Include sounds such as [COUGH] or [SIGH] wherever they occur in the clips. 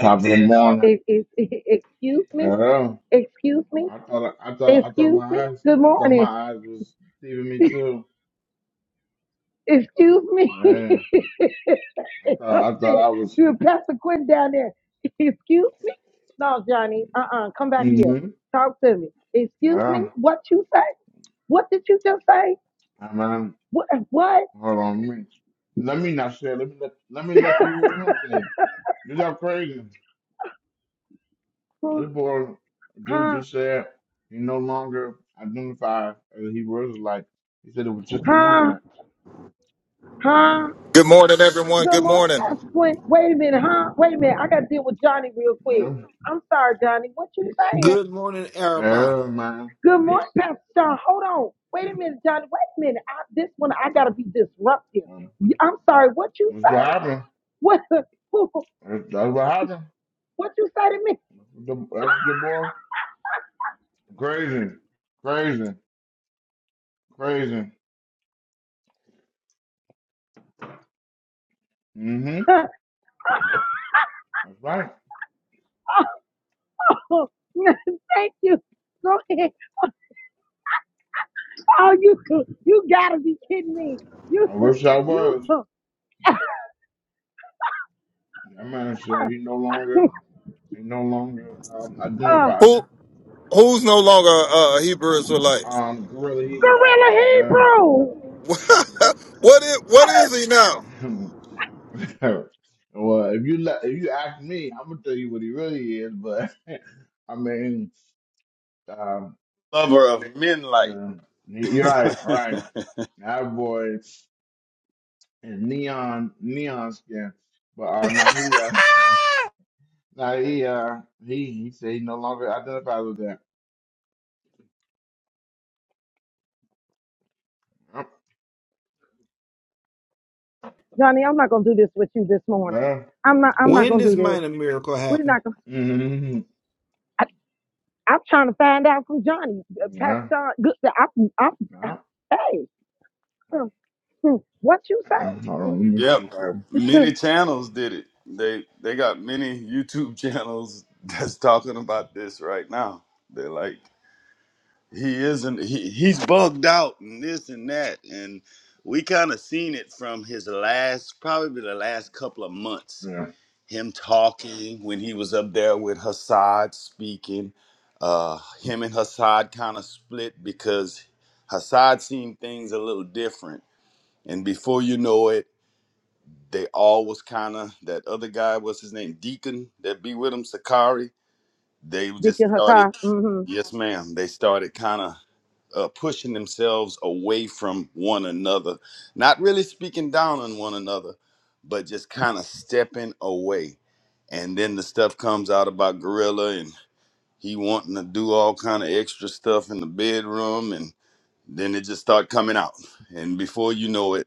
Top of the morning. Ex- ex- [LAUGHS] Excuse me? Yeah. Excuse me? I thought I thought I thought Excuse my me? eyes Good I thought my morning. eyes was deceiving me too. Excuse me. [LAUGHS] Yeah. I a thought I thought I minute. was You Pastor Quinn down there. Excuse me? No, Johnny. Uh-uh. Come back here. mm-hmm. Talk to me. Excuse me? Yeah. What you say? What did you just say? I mean What? What? hold on let me. Let me not share. Let me let, let me let you hear him [LAUGHS] say it. You got crazy. huh? This boy dude Huh? just said he no longer identified as he was like he said it was just a Huh? movement. Huh? Good morning, everyone. Good Good morning, morning. Pastor Quinn. Wait a minute, huh? Wait a minute. I got to deal with Johnny real quick. Yeah, I'm sorry, Johnny. What you saying? Good morning, everybody. yeah man. Good morning, Pastor Sean. Hold on. Wait a minute, Johnny. Wait a minute. I, this one, I gotta be disruptive. Um, I'm sorry. What you That's what say? happened. What? [LAUGHS] That's, that's what happened. What you say to me? The, that's your boy. Crazy, crazy, crazy. Mm-hmm. [LAUGHS] That's right. Oh, [LAUGHS] thank you. Go ahead. [LAUGHS] Oh, you you gotta be kidding me. You I wish I you was. That man said he no longer, he no longer um, uh identifies as Who who's no longer uh, a uh, Hebrew Israelite? um gorilla Hebrew. gorilla Yeah. Hebrew. [LAUGHS] what is what is he now? [LAUGHS] well, if you let, if you ask me, I'm gonna tell you what he really is. But [LAUGHS] I mean, um, lover of men light. yeah, you're right, [LAUGHS] right. That boy is neon, neon skin. But uh, not he. uh, Now he uh he he said he no longer identifies with that. Yep. Johnny, I'm not gonna do this with you this morning. Yeah. I'm not I'm not When gonna this do this. minor miracle We're happen? not gonna. Mm-hmm. I'm trying to find out from Johnny, uh, Pastor Yeah. Sean. Good, I, I, Yeah. hey, hmm, hmm, what you say? Yeah. Hold on, let me see yep. if I Many channels did it. They they got many YouTube [LAUGHS] channels that's talking about this right now. They're like, he isn't he, he's bugged out and this and that. And we kind of seen it from his last probably the last couple of months. yeah. Him talking when he was up there with Hassad speaking. Uh him and Hassad kind of split because Hassad seen things a little different And before you know it, they all was kind of that other guy. What's his name? Deacon that be with him, Sakari. They Dick in just her started. car. mm hmm Yes, ma'am. They started kind of uh, pushing themselves away from one another, not really speaking down on one another, but just kind of stepping away. And then the stuff comes out about Gorilla and he wanting to do all kind of extra stuff in the bedroom, and then it just start coming out. And before you know it.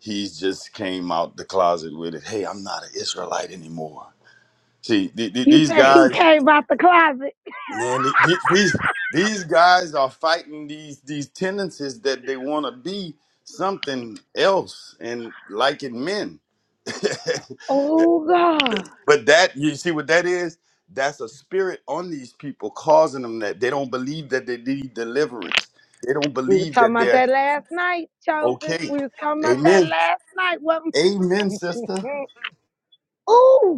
He just came out the closet with it. Hey, I'm not an Israelite anymore. See, th- th- You these say he guys, came out the closet? man, th- th- these these guys are fighting these these tendencies that they want to be something else and liking men. [LAUGHS] Oh God, but that you see what that is? That's a spirit on these people causing them that they don't believe that they need deliverance. They don't we were believe talking that about they're that last night, chosen. okay. We was talking about that Amen. last night. What? Amen, sister. mm, Ooh,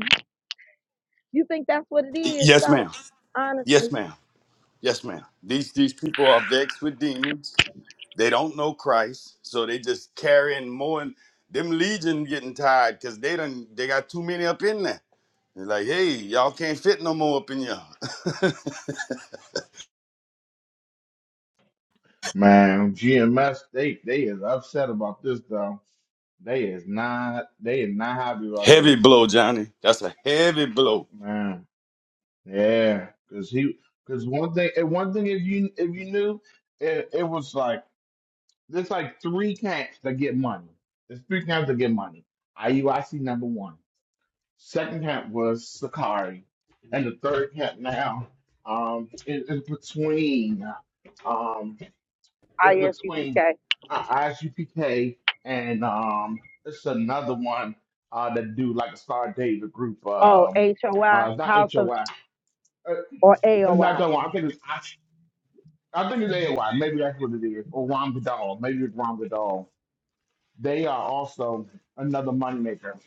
you think that's what it is? Yes, So ma'am. Yes, honestly, ma'am. Yes, ma'am. These these people are vexed with demons. They don't know Christ, so they just carrying more. And them legion getting tired because they done they got too many up in there. They're like, hey, y'all can't fit no more up in y'all. [LAUGHS] Man, GMS they they is upset about this though. They is not they is not happy about heavy this. blow, Johnny. That's a heavy blow. Man. Yeah. Cause he cause one thing and one thing if you if you knew it, it was like there's like three camps that get money. There's three camps that get money. IUIC number one. Second hat was Sakari, and the third hat now um, is, is between um, is I S U P between K. uh, IGPK and um, it's another one uh, that do like a Star David group. Oh, Um, H O I uh, it's House not of HOI, uh, or A uh, O not I. that one. I think it's I, I think it's AOI. Maybe that's what it is, or Ram Vidal. Maybe it's Ram Vidal. They are also another moneymaker.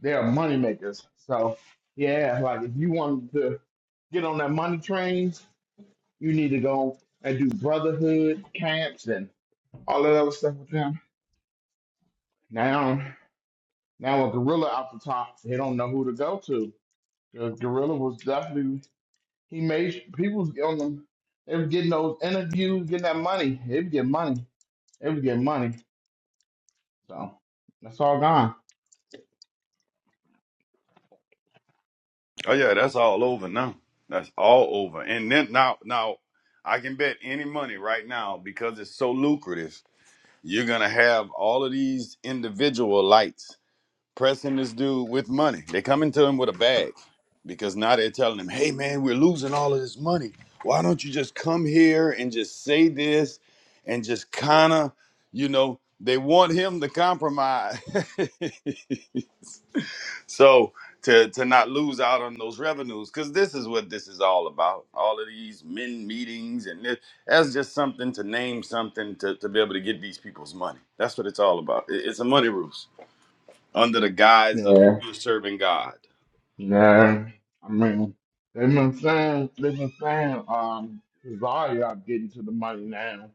They are money makers. So yeah, like if you want to get on that money train, you need to go and do brotherhood camps and all that other stuff with them. Now, now with Gorilla out the top, they don't know who to go to. The Gorilla was definitely he made people was on them. They were getting those interviews, getting that money. They were getting money. They were getting money. So that's all gone. Oh yeah, that's all over now. That's all over. And then now now I can bet any money right now because it's so lucrative. You're gonna have all of these individual lights pressing this dude with money. They coming to him with a bag because now they're telling him, "Hey man, we're losing all of this money. Why don't you just come here and just say this and just kind of, you know, they want him to compromise." [LAUGHS] so to to not lose out on those revenues cuz this is what this is all about. All of these men meetings and this, that's just something to name something to to be able to get these people's money. That's what it's all about. It- It's a money ruse under the guise of Yeah. you serving God. Yeah, I mean, they've been saying, they've been saying, um, Cesario getting to the money now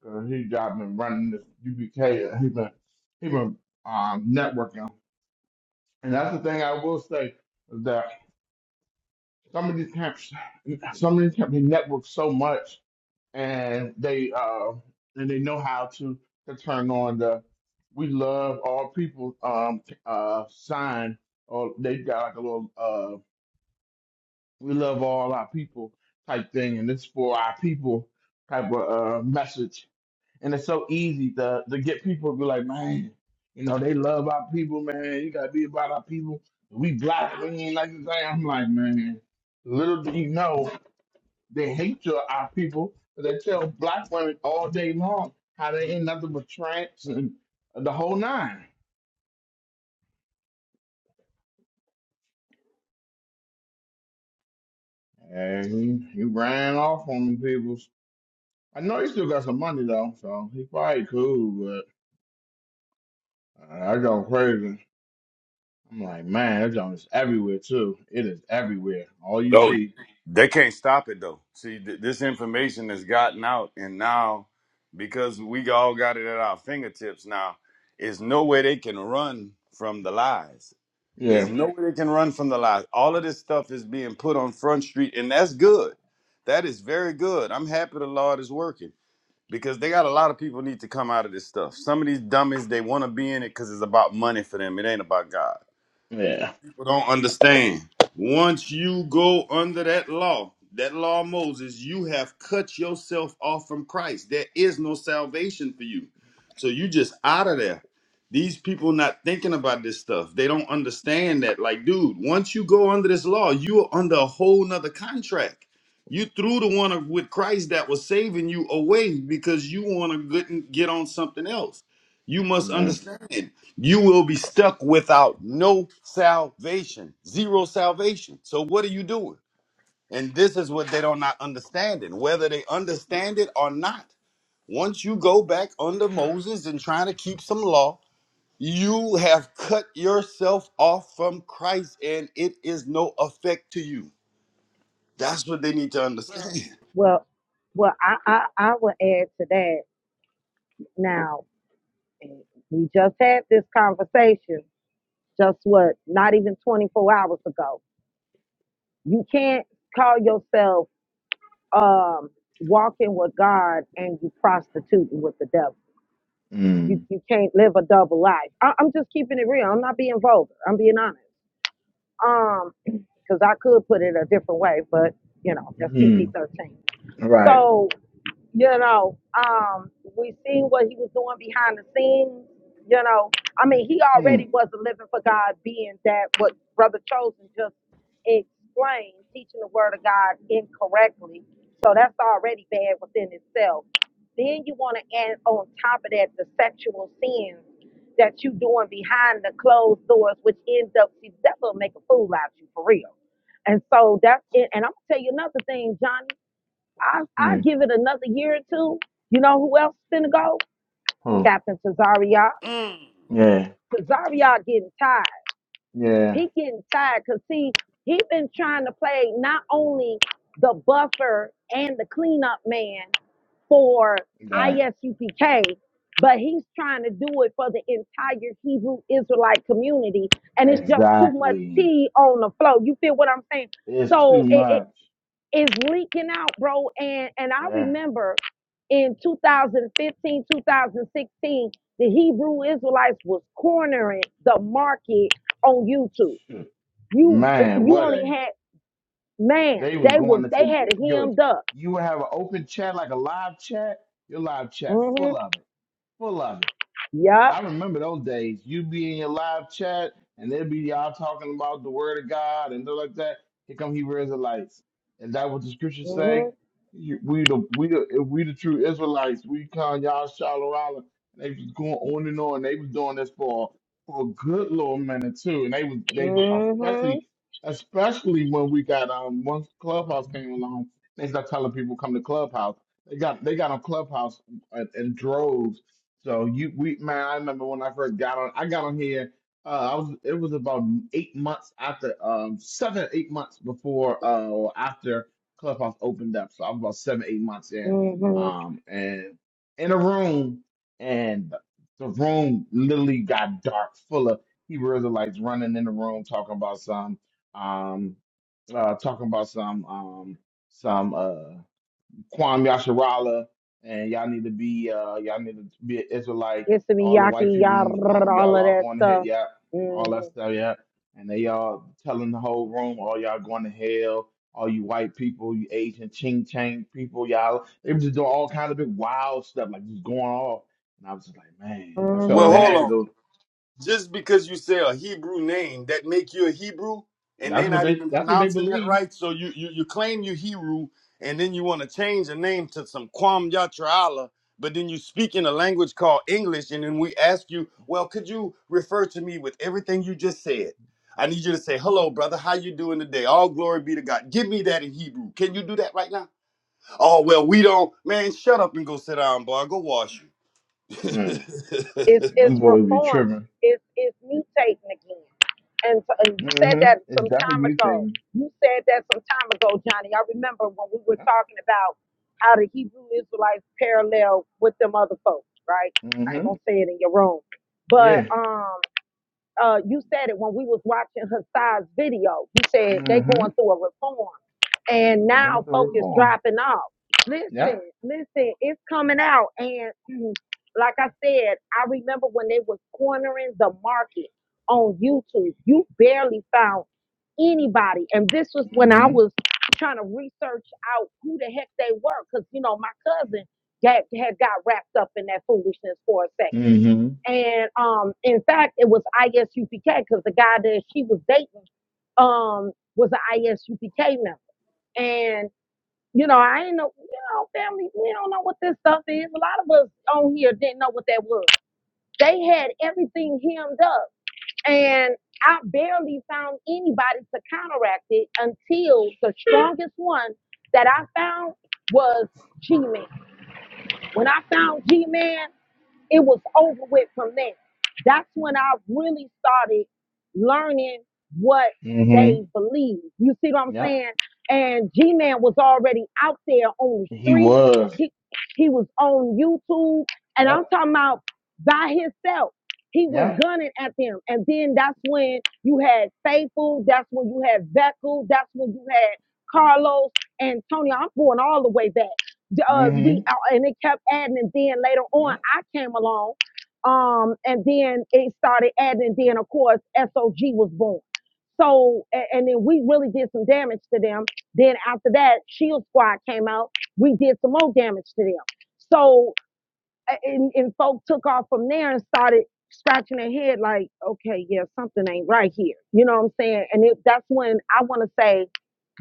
because he got been running this UBK. He been he been um networking, and that's the thing I will say is that some of these camps, some of these camps, they network so much, and they uh and they know how to to turn on the we love all people um uh sign. Or they got like a little uh, we love all our people type thing, and it's for our people type of uh, message. And it's so easy to to get people to be like, man, you know, they love our people, man. You gotta be about our people. We black, we ain't like this. I'm like, man, little do you know, they hate your our people. they tell black women all day long how they ain't nothing but tramps and the whole nine. And he, he ran off on them people. I know he still got some money though, so he probably cool. Uh, I go crazy. I'm like, man, that junk is everywhere too. It is everywhere. All you Oh, see. they can't stop it though. See, th- this information has gotten out, and now because we all got it at our fingertips now, there's no way they can run from the lies. There's Yeah. no way they can run from the lies. All of this stuff is being put on Front Street, and that's good. That is very good. I'm happy the Lord is working because they got a lot of people need to come out of this stuff. Some of these dummies, they want to be in it because it's about money for them. It ain't about God. Yeah. people don't understand. Once you go under that law, that law of Moses, you have cut yourself off from Christ. There is no salvation for you. So you just out of there. These people not thinking about this stuff. They don't understand that. Like, dude, once you go under this law, you are under a whole nother contract. You threw the one of- with Christ that was saving you away because you want to get get on something else. You must Yeah. understand you will be stuck without no salvation, zero salvation. So what are you doing? And this is what they don't not understand it, whether they understand it or not. Once you go back under Moses and trying to keep some law, you have cut yourself off from Christ and it is no effect to you. That's what they need to understand. [LAUGHS] Well, well, I I I would add to that now. And We just had this conversation just what, not even 24 hours ago. You can't call yourself um, walking with God and you prostituting with the devil. You, Mm. you can't live a double life. I, I'm just keeping it real. I'm not being vulgar. I'm being honest. Um, because I could put it a different way, but you know that's PG Mm. thirteen. Right. So you know, um, we seen what he was doing behind the scenes. You know, I mean, he already Mm. wasn't living for God, being that what Brother Chosen just explained, teaching the Word of God incorrectly. So that's already bad within itself. Then you want to add on top of that the sexual sins that you doing behind the closed doors, which ends up see, that will make a fool out of you for real. And so that's it. And I'm gonna tell you another thing, Johnny. I I Yeah. give it another year or two. You know who else is finna go? Huh. Captain Cesaria. Mm. Yeah. Cesaria getting tired. Yeah. He getting tired because see, he been trying to play not only the buffer and the cleanup man for Right. ISUPK, but he's trying to do it for the entire Hebrew Israelite community. And it's just too much Exactly. tea on the flow. You feel what I'm saying? It's too So it much. is leaking out, bro. And and I Yeah. remember in 2015, 2016, the Hebrew Israelites was cornering the market on YouTube. Shit. You eh, Man, you what only a had man, they was they was going they into had it your hemmed up. you would have an open chat like a live chat. Your live chat Mm-hmm. full of it. Full of it Yup. I remember those days. You'd be in your live chat, and they'd be y'all talking about the word of God and stuff like that. Here come Hebrew Israelites. Is that what the scriptures say? Mm-hmm. You- We the we the if we the true Israelites. We come y'all shallow island. And they was going on and on. They was doing this for for a good little minute too. And they was they was Mm-hmm. especially especially when we got um once Clubhouse came along, they started telling people come to Clubhouse. They got they got on Clubhouse in, in droves so you, we, man, I remember when I first got on. I got on here. Uh, I was. It was about eight months after, um, seven, eight months before, uh, or after Clubhouse opened up. So I was about seven, eight months in. Mm-hmm. Um, and in a room, and the room literally got dark, full of Hebrew Israelites running in the room, talking about some, um, uh, talking about some, um, some. uh. Kwame Yasharala, and y'all need to be uh y'all need to be an Israelite. It's the All the white Miyaki, people yada, in this room, all y'all of all that going to hell, stuff. yeah, all that Mm-hmm. stuff, yeah. And they all telling the whole room, all y'all going to hell. All you white people, you Asian ching chang people, y'all they were just doing all kinds of big wild stuff, like just going off. And I was just like, man, I felt Well, Mm-hmm. hold bad on. because just because you say a Hebrew name that make you a Hebrew, and that's they're what not they even that's what they pronouncing that believe. right. So you you, you claim you Hebrew, and then you want to change the name to some Kwam Yatra'ala, but then you speak in a language called English, and then we ask you, well, could you refer to me with everything you just said? I need you to say, hello, brother. How you doing today? All glory be to God. Give me that in Hebrew. Can you do that right now? Oh, well, we don't. Man, shut up and go sit down, boy. Go wash you. Mm. It's [LAUGHS] it's Them boys be reforming. tripping. It's it's mutating again. And, so- and you said hmm that It's some time definitely ago. mutating. You said that some time ago, Johnny. I remember when we were talking about how the Hebrew Israelites parallel with them other folks, right? I ain't hmm gonna say it in your room, but Yeah. um. Uh, you said it when we was watching her size video. You said they Mm-hmm. going through a reform, and They're going now through it focus for him. dropping off. Listen, Yep. listen, it's coming out, and [CLEARS THROAT] mm, like I said, I remember when they was cornering the market on YouTube. You barely found anybody, and this was when I Mm-hmm. was trying to research out who the heck they were, because you know my cousin got, had got wrapped up in that foolishness for a second. Mm-hmm. And um, in fact, it was ISUPK because the guy that she was dating um was an ISUPK member. And you know, I ain't know, you know, family, we don't know what this stuff is. A lot of us on here didn't know what that was. They had everything hemmed up, and I barely found anybody to counteract it until the strongest one that I found was G Man. When I found G Man. It was over with from there. That's when I really started learning what they Mm-hmm. believe. You see what I'm Yep. saying? And G Man was already out there on the He street. was. He he was on YouTube, and I'm Yep. talking about by himself. He was Yep. gunning at them, and then that's when you had Faithful. That's when you had Beckel. That's when you had Carlos, Antonio. I'm going all the way back uh, we Mm-hmm. uh, and it kept adding and then later on Yep. i came along um and then it started adding and then of course sog was born so a- and, then we really did some damage to them then after that shield squad came out we did some more damage to them so and, and folk took off from there and started scratching their head like, okay, yeah, something ain't right here. You know what I'm saying? And it, that's when I want to say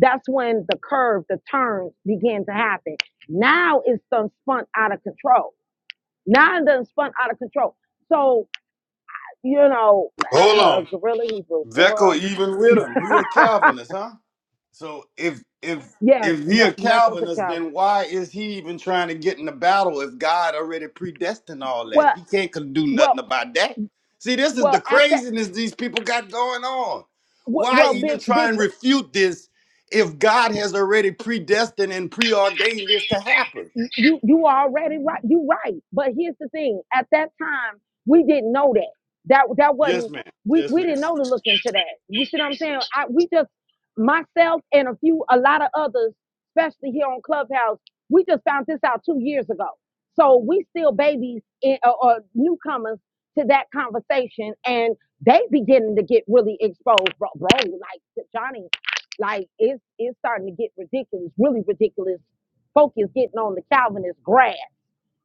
that's when the curve, the turn began to happen. Now it's done spun out of control. Now it's done spun out of control. So, you know, [SIGHS] Hold uh, on. Gorilla Hebrew, boy. Vecco even with him. [LAUGHS] He a Calvinist, huh? So if if Yeah, if he that, a that goes to Calvinist, Calvin. then why is he even trying to get in the battle if God already predestined all that? Well, He can't con- do well, nothing about that. See, this is well, the at that, craziness these people got going on. well, Why well, big, even try big and refute this if God has already predestined and preordained this to happen? you you are already right. You right. But here's the thing: at that time, we didn't know that. That that Yes, wasn't. ma'am. We Yes, we ma'am. didn't know to look into that. You see what I'm saying? I we just myself and a few a lot of others, especially here on Clubhouse, we just found this out two years ago. So we still babies in, or, or newcomers to that conversation, and they beginning to get really exposed, bro. bro like Johnny, like it's it's starting to get ridiculous, really ridiculous focused getting on the Calvinist grass.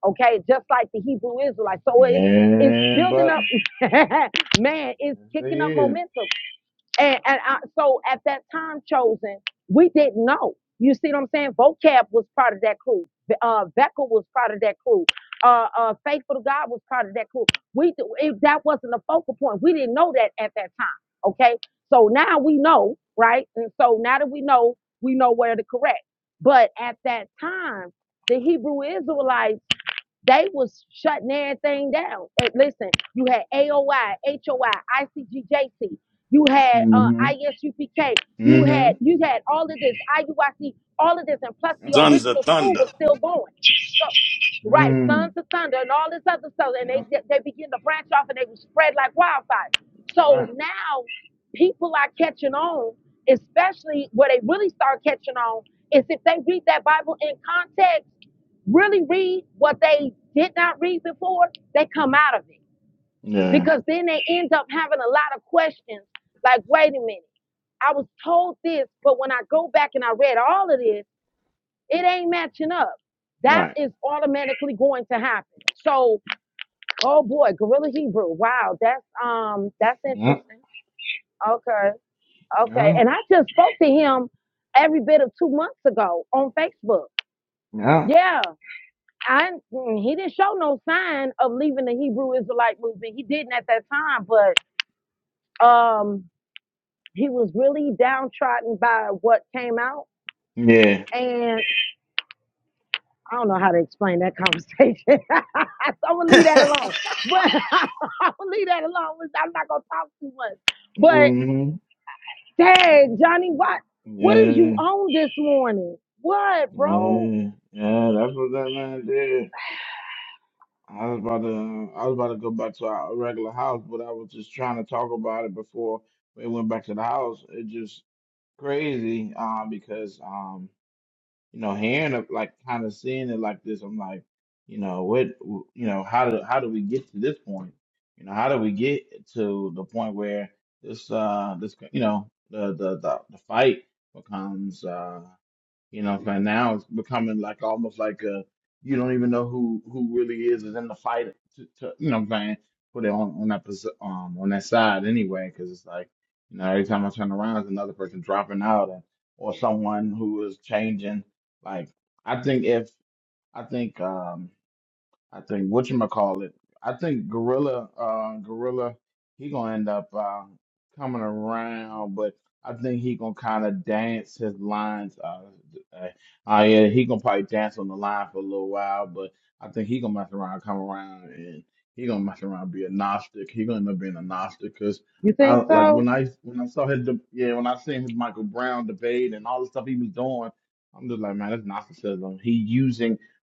Okay, just like the Hebrew Israelites. So it's it's Yeah, building up, buddy. [LAUGHS] man. It's Yes, he kicking up is. momentum. And, and I, so at that time chosen, we didn't know. You see what I'm saying? Vocab was part of that crew. Be- Uh, Becker was part of that crew. Uh, uh, Faithful to God was part of that crew. We it, that wasn't a focal point. We didn't know that at that time. Okay, so now we know, right? And so now that we know, we know where to correct. But at that time, the Hebrew Israelites they was shutting everything down. Eh, Listen, you had AOI, you had uh, Mm-hmm. ISUPK, you Mm-hmm. had you had all of this IUIC, all of this, and plus the Yep. Sons of original school thunder. was still going. So Right, sons Mm. of thunder and all this other stuff, and Yep. they they begin to branch off and they will spread like wildfire. That's So right. now people are catching on, especially where they really start catching on is if they read that Bible in context, really read what they did not read before, they come out of it Yeah. because then they end up having a lot of questions. Like, wait a minute, I was told this, but when I go back and I read all of this. It ain't matching up. That Right. is automatically going to happen. So, oh boy, Gorilla Hebrew. Wow, that's um, that's Yep. interesting. Okay, okay. And Yep. I just spoke to him every bit of two months ago on Facebook. Yep. Yeah, I mm, he didn't show no sign of leaving the Hebrew Israelite movement. He didn't at that time, but um, he was really downtrodden by what came out Yeah. and. I don't know how to explain that conversation. [LAUGHS] so I'm [LAUGHS] gonna leave that that alone. But [LAUGHS] I'm gonna leave that alone. I'm not gonna talk too much. But Mm-hmm. dang, Johnny, what what did you Yeah. own this morning? What, bro? Yeah. Yeah. That's what that man did. I was about to I was about to go back to our regular house, but I was just trying to talk about it before we went back to the house. It just crazy, um, because um, you know, hearing it like kind of seeing it like this, I'm like, you know, what, you know, how do how do we get to this point? You know, how do we get to the point where this uh this you know the the the, the fight becomes uh you know what I'm saying? Now it's becoming like almost like a you don't even know who who really is is in the fight. To, to, you know what I'm saying? Put it on on that pos- um on that side anyway, because it's like you know every time I turn around, it's another person dropping out and or someone who is changing. Like I think if I think um I think what you call it. I think Gorilla, uh, Gorilla, he gonna end up uh, coming around, but I think he gonna kind of dance his lines. Uh, uh, uh, yeah, he gonna probably dance on the line for a little while, but I think he gonna mess around, come around, and he gonna mess around, be a Gnostic. He gonna end up being a Gnostic because You I think like so? when I when I saw his de- yeah when I seen his Michael Brown debate and all the stuff he was doing, I'm just like man, that's narcissism. He using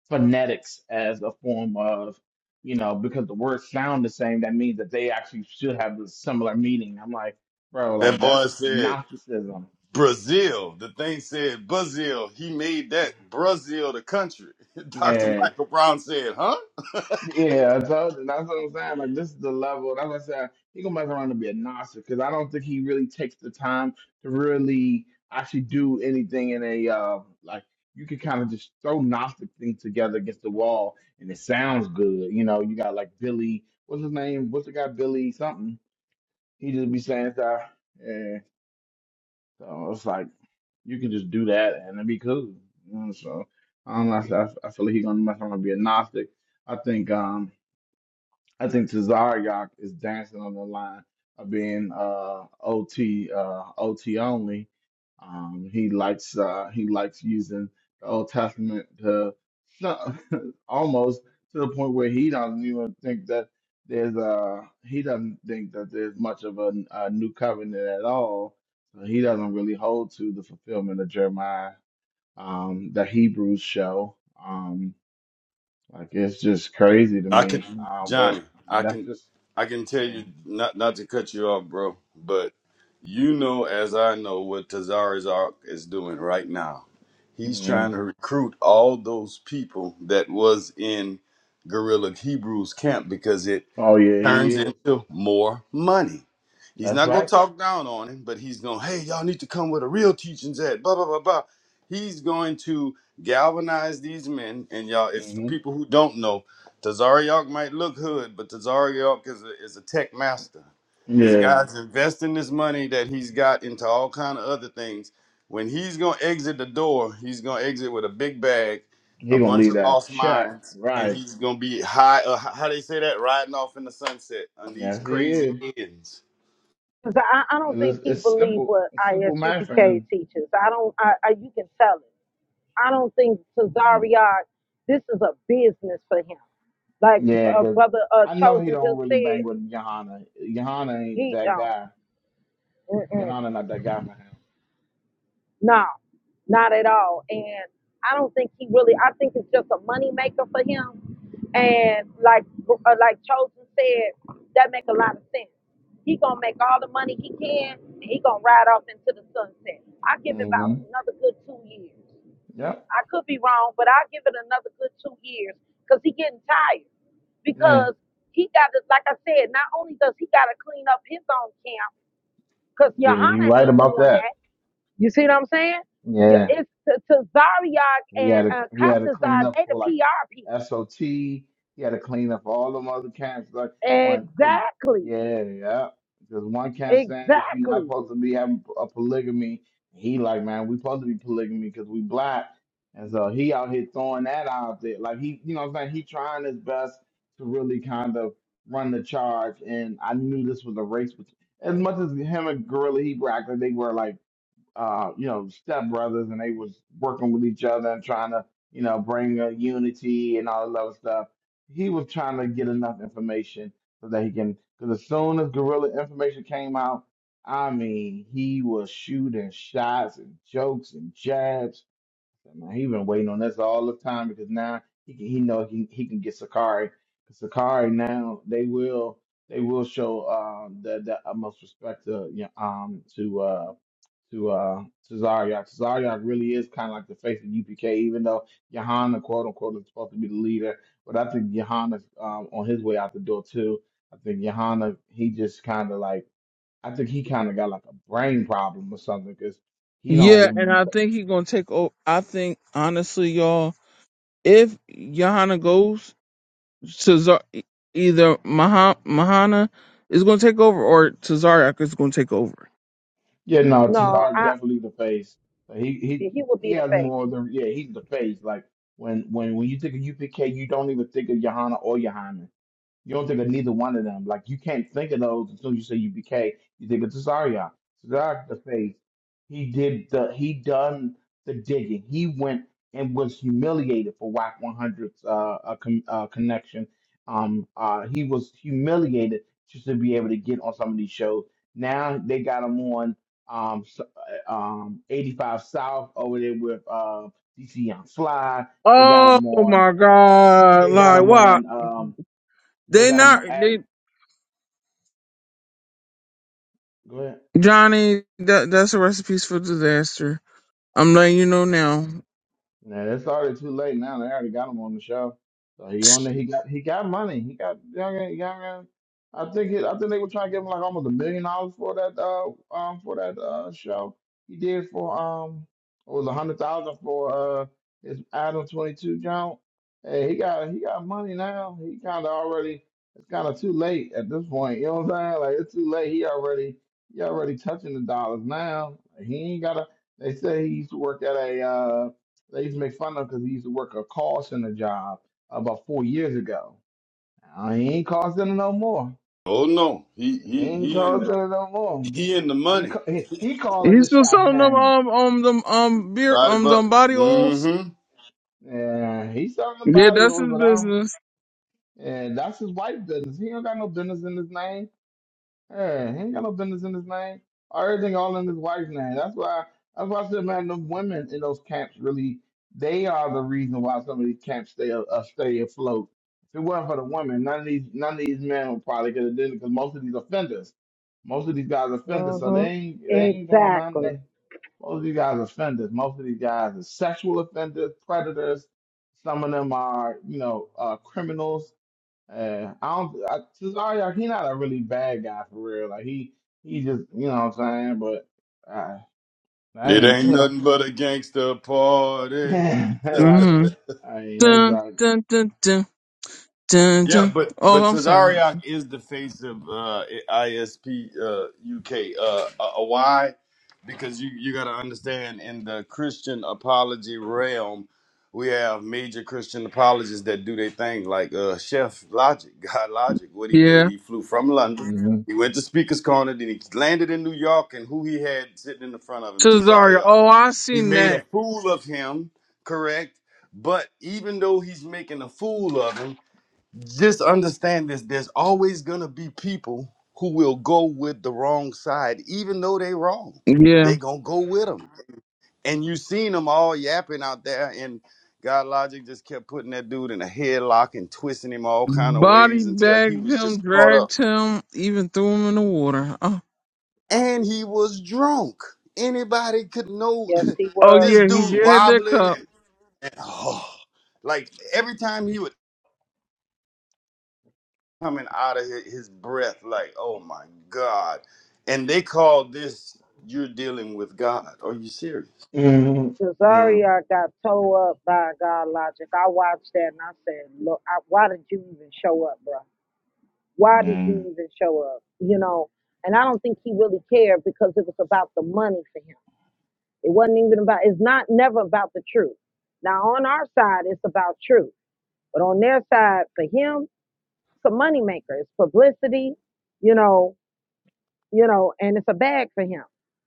phonetics as a form of, you know, because the words sound the same, that means that they actually should have a similar meaning. I'm like, bro, like boy that's said. Gnosticism. Brazil. The thing said Brazil. He made that Brazil the country. [LAUGHS] Dr. Yeah. Michael Brown said, "Huh? Yeah, I told you. That's what I'm saying. Like, this is the level. That's what I said. He gonna mess around and be a Gnostic because I don't think he really takes the time to really actually do anything in a uh, like. You can kind of just throw Gnostic things together against the wall, and it sounds good. You know, you got like Billy. What's his name? What's the guy? Billy something He just be saying stuff. Yeah. So it's like you can just do that and it'd be cool. You know, so I don't know. I, I feel like he's gonna mess around and be a Gnostic. I think. um I think Tazariak is dancing on the line of being uh, OT uh, OT only. Um, he likes uh, he likes using the Old Testament to so- [LAUGHS] almost to the point where he doesn't even think that there's a he doesn't think that there's much of a, a new covenant at all. So he doesn't really hold to the fulfillment of Jeremiah um, that Hebrews show. Um, like it's just crazy to I me. can, Uh, but Johnny. I I mean that's can, just I can tell you Mm, not not to cut you off, bro. But you know, as I know, what Tazari's Ark is doing right now. He's trying mm. to recruit all those people that was in Guerrilla Hebrews camp because it Oh yeah, he turns is. into more money. He's That's not gonna right. talk down on him, but he's gonna, hey, y'all need to come where the real teachings at blah blah blah blah. He's going to galvanize these men, and y'all, if for hmm people who don't know, Tazariak might look hood, but Tazariak is a, is a tech master. This Yeah, guy's investing this money that he's got into all kind of other things. When he's gonna exit the door, he's gonna exit with a big bag he a gonna bunch leave of that lost check, minds, and right? he's gonna be high. Uh, h- how they say that? Riding off in the sunset on these Yes, he crazy is. ends. Because I, I don't think It's, he it's believed simple. what It's simple math for ISUPK him. teaches. I don't. I, I you can tell it. I don't think Yeah, Cesario. This is a business for him. Like yeah. uh, Cause brother uh, I know he Chosen don't just really said, bang with Johanna. Johanna ain't he that guy. don't. Johanna not that guy for No, not at all. And I don't think he really. I think it's just a money maker for him. And like uh, like Chosen said, that make a lot of sense. He gonna make all the money he can, and he gonna ride off into the sunset. I give it him. hmm about another good two years. Yep. I could be wrong, but I give it another good two years because he getting tired. Yeah. Because he got to, like I said, not only does he got to clean up his own camp because Yeah, you Johanna right ain't about doing that. that. You see what I'm saying? You- Yeah. It's to, to Zariak He had and to uh, he had to clean Katazad, up they the for like PR people. SOT. He had to clean up all them other camps like one cause Exactly. yeah yeah because one camp saying that you're not Exactly. supposed to be having a polygamy. He like man we supposed to be polygamy because we black and so he out here throwing that out there like he you know what I'm saying he trying his best to really kind of run the charge and I knew this was a race between as much as him and Gorilla Hebrew acted they were like uh, you know, stepbrothers, and they was working with each other and trying to, you know, bring uh, unity and all that other stuff. He was trying to get enough information so that he can, because as soon as guerrilla information came out, I mean, he was shooting shots and jokes and jabs so now he been waiting on this all the time because now he can, he know he he can get Sakari. 'Cause Sakari now they will they will show uh, the the utmost respect to you know, um to uh to uh Cesario. Cesario really is kind of like the face of UPK, even though Johanna quote unquote is supposed to be the leader. But I think Johanna's um, on his way out the door too. I think Johanna he just kind of like I think he kind of got like a brain problem or something because he don't Yeah, really and be I think he's gonna take over. I think honestly, y'all, if Johanna goes, Cesar e- either Maha- Mahana is gonna take over or Cesariak is gonna take over. Yeah, no, No, Cesaro I, definitely the face. Like, He he he would he be the has face. more of the yeah, he's the face. Like when when when you think of UPK, you don't even think of Johanna or Johanna. You don't think of neither one of them. Like you can't think of those until you say UBK. You think of Cesario. Cesario the face. He did the he done the digging. He went and was humiliated for WAC 100's uh, uh, con- uh, connection. Um, uh, he was humiliated just to be able to get on some of these shows. Now they got him on um, s- uh, um, 85 South over there with uh, DC on Fly. They got Oh him on. my God! They got Like, him why on. Um, they they got him not? on. They Go ahead. Johnny, that that's a recipe for disaster. I'm letting you know now. Nah, that's already too late now. They already got him on the show. So he on there. He got he got money. He got young. Young. I think it, I think they were trying to give him like almost a million dollars for that uh um for that uh show he did for um it was a hundred thousand for uh his Adam twenty two jump. Hey, he got he got money now. He kind of already it's kind of too late at this point. You know what I'm saying? Like it's too late. He already he already touching the dollars now. He ain't gotta. They say he used to work at a uh They used to make fun of him because he used to work a call center job about four years ago. Now, he ain't call center no more. Oh no, he He he ain't he in call the center no more. he in the He money. ca- he, he calling He's the still shots selling them now. um um them um beer Body, um but them body oils. mm-hmm. Yeah, he's selling the Yeah, body that's over, his but I don't. business. And that's his wife business. He don't got no business in his name. Hey, he ain't got no business in his name. Everything all in his wife's name. That's why that's why I said, man, the women in those camps really they are the reason why some of these camps stay uh, stay afloat. If it wasn't for the women, none of these none of these men would probably get have done because most of these offenders, most of these guys are offenders, so hmm they ain't they ain't going on. Exactly. They, most of these guys are offenders. Most of these guys are sexual offenders, predators. Some of them are you know uh, criminals uh, I don't. I, Cesario, he not a really bad guy for real. Like he, he just, you know what I'm saying. But I, I It ain't, ain't you know, nothing but a gangster [LAUGHS] party. [LAUGHS] like, Mm-hmm. I mean, it's Dun, like, dun, dun, dun. Dun, Yeah, dun. but Oh, but I'm sorry. Tazariak is the face of uh, ISP uh, UK. Uh, uh, why? Because you you got to understand in the Christian apology realm, we have major Christian apologists that do their thing, like uh, Chef Logic, [LAUGHS] God Logic. What he did, Yeah. he flew from London, mm he went to Speaker's Corner, then he landed in New York, and who he had sitting in the front of him, Cesario. Tazariak. Oh, I He seen made a that. fool of him, correct? But even though he's making a fool of him just understand this there's always going to be people who will go with the wrong side even though they wrong they Yeah. going to go with them and you seen them all yapping out there and god logic just kept putting that dude in a headlock and twisting him all kind of Body ways until he bagged was him, just caught dragged up him, even threw him in the water. Oh, and he was drunk anybody could know Yes, he oh [LAUGHS] was this yeah, he wrong. dude did have that wobbling cup. and, and, oh, like every time he would coming out of hi- his breath like, oh my God. And they call this, you're dealing with God. Are you serious? mm mm Cesario got towed up by God logic. I watched that and I said, look, I, why did you even show up, bro? Why did you mm even show up? You know, and I don't think he really cared because it was about the money for him. It wasn't even about, it's not never about the truth. Now, on our side, it's about truth. But on their side, for him, it's a moneymaker. It's publicity, you know, you know, and it's a bag for him,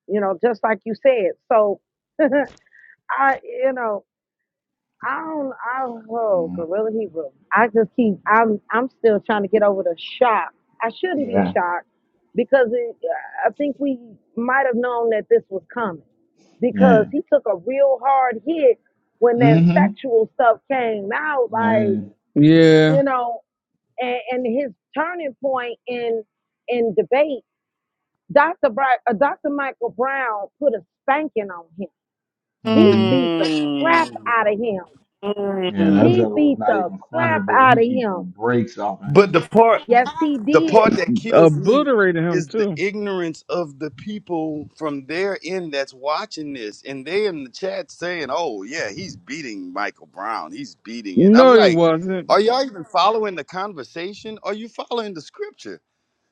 you know, just like you said. So, [LAUGHS] I, you know, I don't, I, oh, mm Gorilla Hebrew. I just keep, I'm, I'm still trying to get over the shock. I shouldn't be yeah, shocked because it, I think we might have known that this was coming because yeah, he took a real hard hit when that mm sexual stuff came out like mm Yeah. you know and, and his turning point in in debate dr Bri- uh, dr michael brown put a spanking on him he mm beat the crap Mm, out of him yeah. That mm. he joker was beat not the even funny, crap boy. He out of beat the him brakes off of But him. the part, yes he the did part that kills me Obliterated him is the too. ignorance of the people from their end that's watching this. And they in the chat saying, oh yeah, he's beating Michael Brown. He's beating it. I'm No, he like, wasn't. are y'all even following the conversation? Are you following the scripture?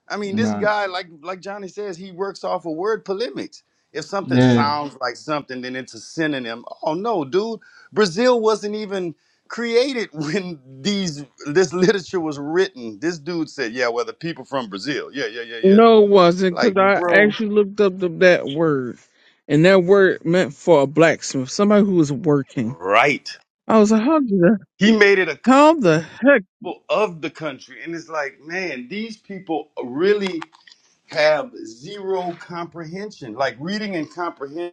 I mean, this Right? guy, like like Johnny says, he works off of word polemics. If something Yeah. sounds like something, then it's a synonym. Oh no, dude, Brazil wasn't even created [LAUGHS] when these this literature was written. This dude said, "Yeah, well, the people from Brazil." Yeah, yeah, yeah, yeah. No, it wasn't, because Like, I bro, actually looked up the, that word. And that word meant for a blacksmith, somebody who was working. right? I was like, how the, He made it a how the heck? couple of the country, and it's like, man, these people really have zero comprehension. Like reading and comprehension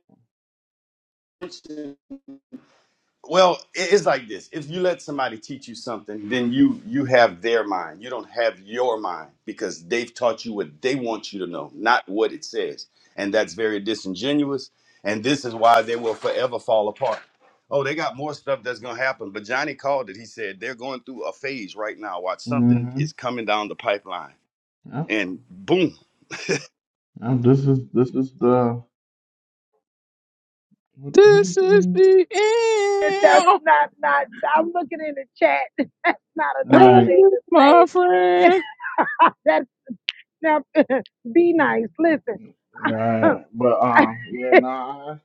Well, it- it's like this. If you let somebody teach you something, then you you have their mind. You don't have your mind because they've taught you what they want you to know, not what it says. And that's very disingenuous. And this is why they will forever fall apart. Oh, they got more stuff that's gonna happen. But Johnny called it. He said they're going through a phase right now. Watch something Mm-hmm. is coming down the pipeline. Yep. And boom, Now this is this is the what what do This is you the that's end. not not i'm looking in the chat [LAUGHS] that's not a nice Oh, think? thing you my to say friend. [LAUGHS] that's now. [LAUGHS] be nice listen Right. But [LAUGHS] um, yeah, no, I,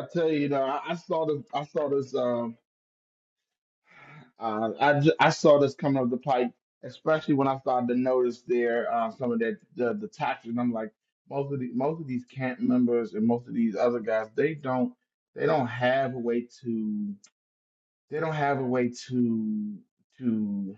I tell you, you know, I, I saw this, I saw this, um, uh, I, ju- I saw this coming up the pipe, especially when I started to notice there uh, some of that the, the taxes. I'm like, most of the most of these camp members and most of these other guys, they don't they don't have a way to they don't have a way to to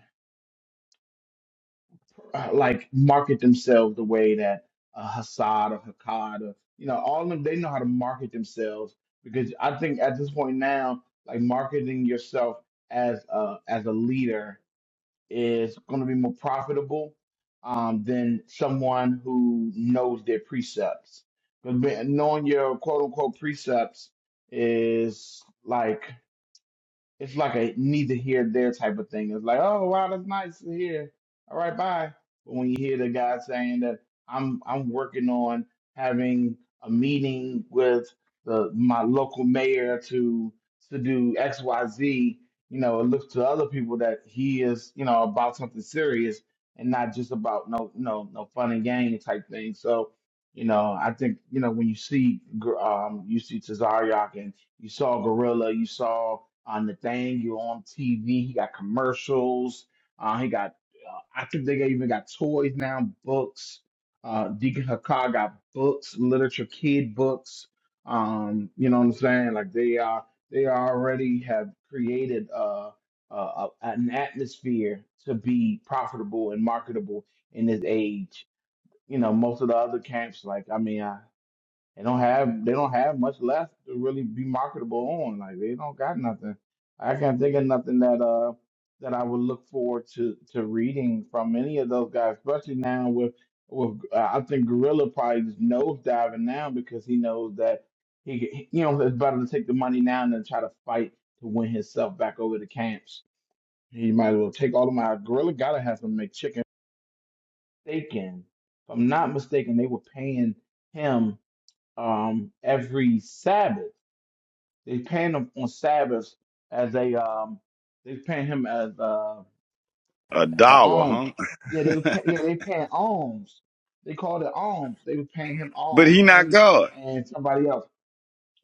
uh, like market themselves the way that uh, Hassad or Hakkad or you know all of them they know how to market themselves because I think at this point now like marketing yourself as a as a leader is going to be more profitable um, than someone who knows their precepts. Because knowing your quote unquote precepts is like it's like a neither here there type of thing. It's like, oh wow, that's nice to hear. All right, bye. But when you hear the guy saying that I'm I'm working on having a meeting with the my local mayor to to do X Y Z, you know, it looks to other people that he is you know about something serious and not just about no no no fun and game type thing. So you know, I think you know when you see gr- um you see Tazariak and you saw Gorilla. You saw on the thing. You on TV. He got commercials. Uh, he got. Uh, I think they even got toys now. Books. Uh, Deacon Hakar got books, literature, kid books. Um, you know what I'm saying? Like they are. They already have created uh, uh, a- an atmosphere to be profitable and marketable in this age. You know, most of the other camps, like I mean, I. They don't have they don't have much left to really be marketable on. Like they don't got nothing. I can't think of nothing that uh that I would look forward to to reading from any of those guys, especially now with with uh, I think Gorilla probably just nose diving now because he knows that he, he- you know it's better to take the money now than try to fight to win himself back over to camps. He might as well take all of my Gorilla gotta have some McChicken steak in. If I'm not mistaken, they were paying him um, every Sabbath. They paying him on Sabbaths as a um, they paying him as uh, a as the alms. dawa, Yeah, they were huh? pay, [LAUGHS] yeah they paying alms. They called it alms. They were paying him But he alms, not him God. and somebody else.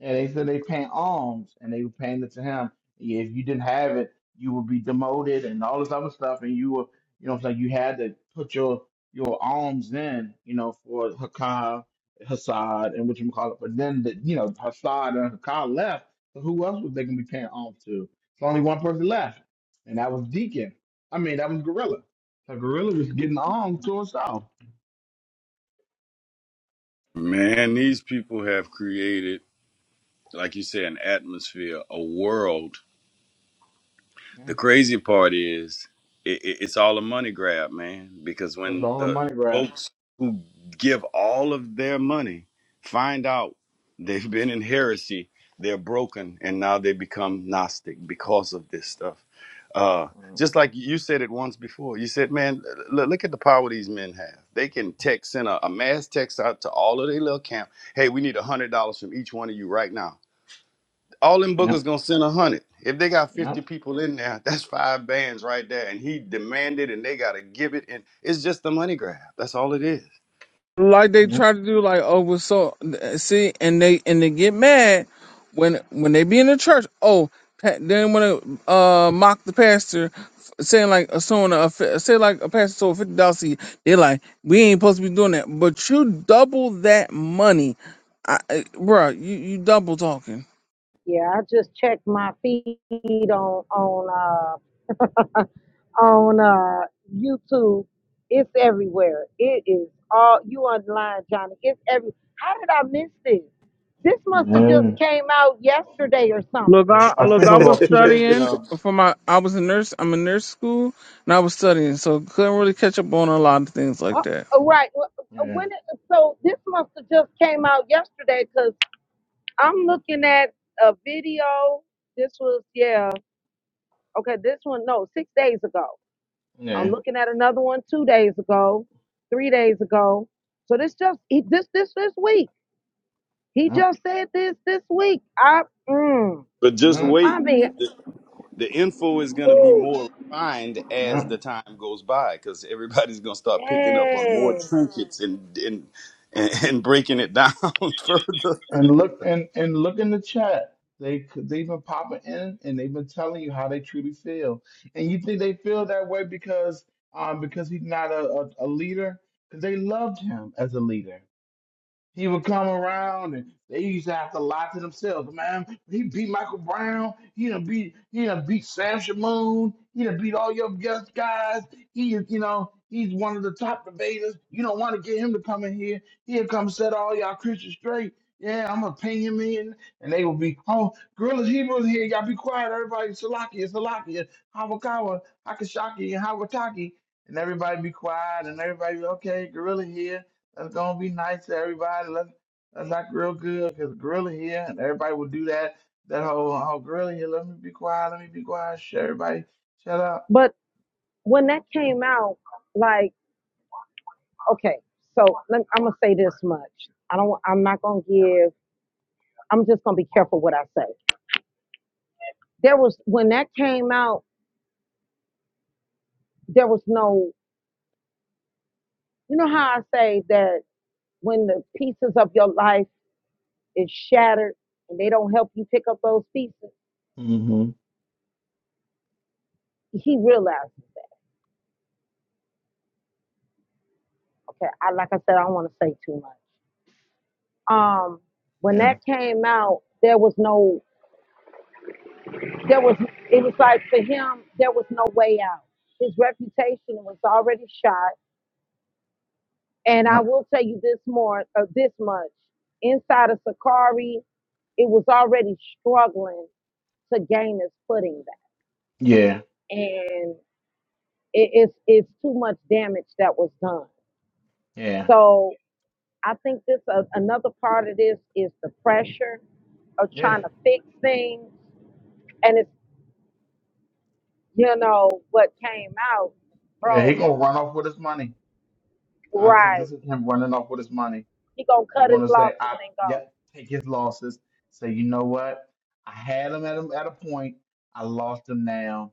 And they said they paying alms and they were paying it to him. Yeah, If you didn't have it, you would be demoted and all this other stuff. And you were, you know, it's like you had to put your your alms in, you know, for Hakam, Hassad, and what you call it. But then, the, you know, Hassad and Hakam left. So who else was they going to be paying alms to? It's only one person left, and that was Deacon. I mean, that was Gorilla. So Gorilla was getting alms to himself. Man, these people have created. like you say, an atmosphere, a world. The Yeah, crazy part is it, it, it's all a money grab, man. Because that's when all the the money grab. folks who give all of their money find out they've been in heresy, they're broken, and now they become Gnostic because of this stuff. Uh, just like you said it once before, you said, "Man, l- look at the power these men have. They can text, send a, a mass text out to all of their little camp. Hey, we need a hundred dollars from each one of you right now." all them bookers Yep, gonna send a hundred. If they got fifty yep, people in there, [LAUGHS] that's five bands right there. And he demanded, and they gotta give it. And it's just the money grab. That's all it is. Like they yep. try to do, like oh, we're so see, and they and they get mad when when they be in the church. Oh, pa- then want to uh mock the pastor, f- saying like a someone a, fi- say like a pastor sold fifty dollars. They're like, we ain't supposed to be doing that, but you double that money, I, I, bruh, You you double talking. Yeah, I just checked my feed on on uh [LAUGHS] on uh YouTube. It's everywhere. It is all you online, Johnny. It's every. How did I miss this? This must have just Yeah. came out yesterday or Look, something. I I look, think it I was was about two days studying [LAUGHS] ago. for my. I was a nurse. I'm in nurse school, and I was studying, so couldn't really catch up on a lot of things like Uh, that. uh, right. wh- uh, Yeah, When it, so this must have just came out yesterday because I'm looking at a video. This was yeah. Okay, this one no six days ago. I'm yeah, looking at another one two days ago, three days ago. So this just he, this this this week. He yeah, just said this this week. I mm, But just yeah. I wait. mean, The, the info is gonna be ooh, more refined as yeah. the time goes by, because everybody's gonna start picking up on more dang. trinkets and and and, [LAUGHS] and breaking it down [LAUGHS] further. And look and and look in the chat. They they've been popping in and they've been telling you how they truly feel. And you think they feel that way because um because he's not a, a, a leader? Because they loved him as a leader. He would come around and they used to have to lie to themselves, man. He beat Michael Brown. He done beat he done beat Sam Shamoon. He done beat all your guest guys. He is, you know, he's one of the top debaters. You don't want to get him to come in here. He'll come set all y'all Christians straight. Yeah, I'm gonna ping him in, and they will be, oh, Gorilla's Hebrews here. Y'all be quiet, everybody. Salakia, Salakia, Hawakawa, Hakashaki, and Hawataki, and everybody be quiet, and everybody, be okay, Gorilla here let gonna be nice to everybody. Let's let's act real good because Gorilla here and everybody will do that. That whole whole Gorilla here. Let me be quiet. Let me be quiet. Shh, everybody, shut up. But when that came out, like, okay, so let, I'm gonna say this much. I don't. I'm not gonna give. I'm just gonna be careful what I say. There was when that came out. There was no. You know how I say that when the pieces of your life is shattered and they don't help you pick up those pieces, Mm-hmm. he realized, okay, I like I said, I don't want to say too much. Um, when Yeah. that came out, there was no, there was, it was like for him, there was no way out. His reputation was already shot. And I Yep. will tell you this more, uh, this much. Inside of Sakari, it was already struggling to gain its footing back, Yeah. and it, it's it's too much damage that was done. Yeah. So I think this uh, another part of this is the pressure of Yeah. trying to fix things, and it's you know what came out, Yeah. He bro. gonna run off with his money. I think Right? this is him running off with his money. He gonna He's cut his gonna say, losses "I and go. yep, take his losses." Say, you know what? I had him at him at a point. I lost him now.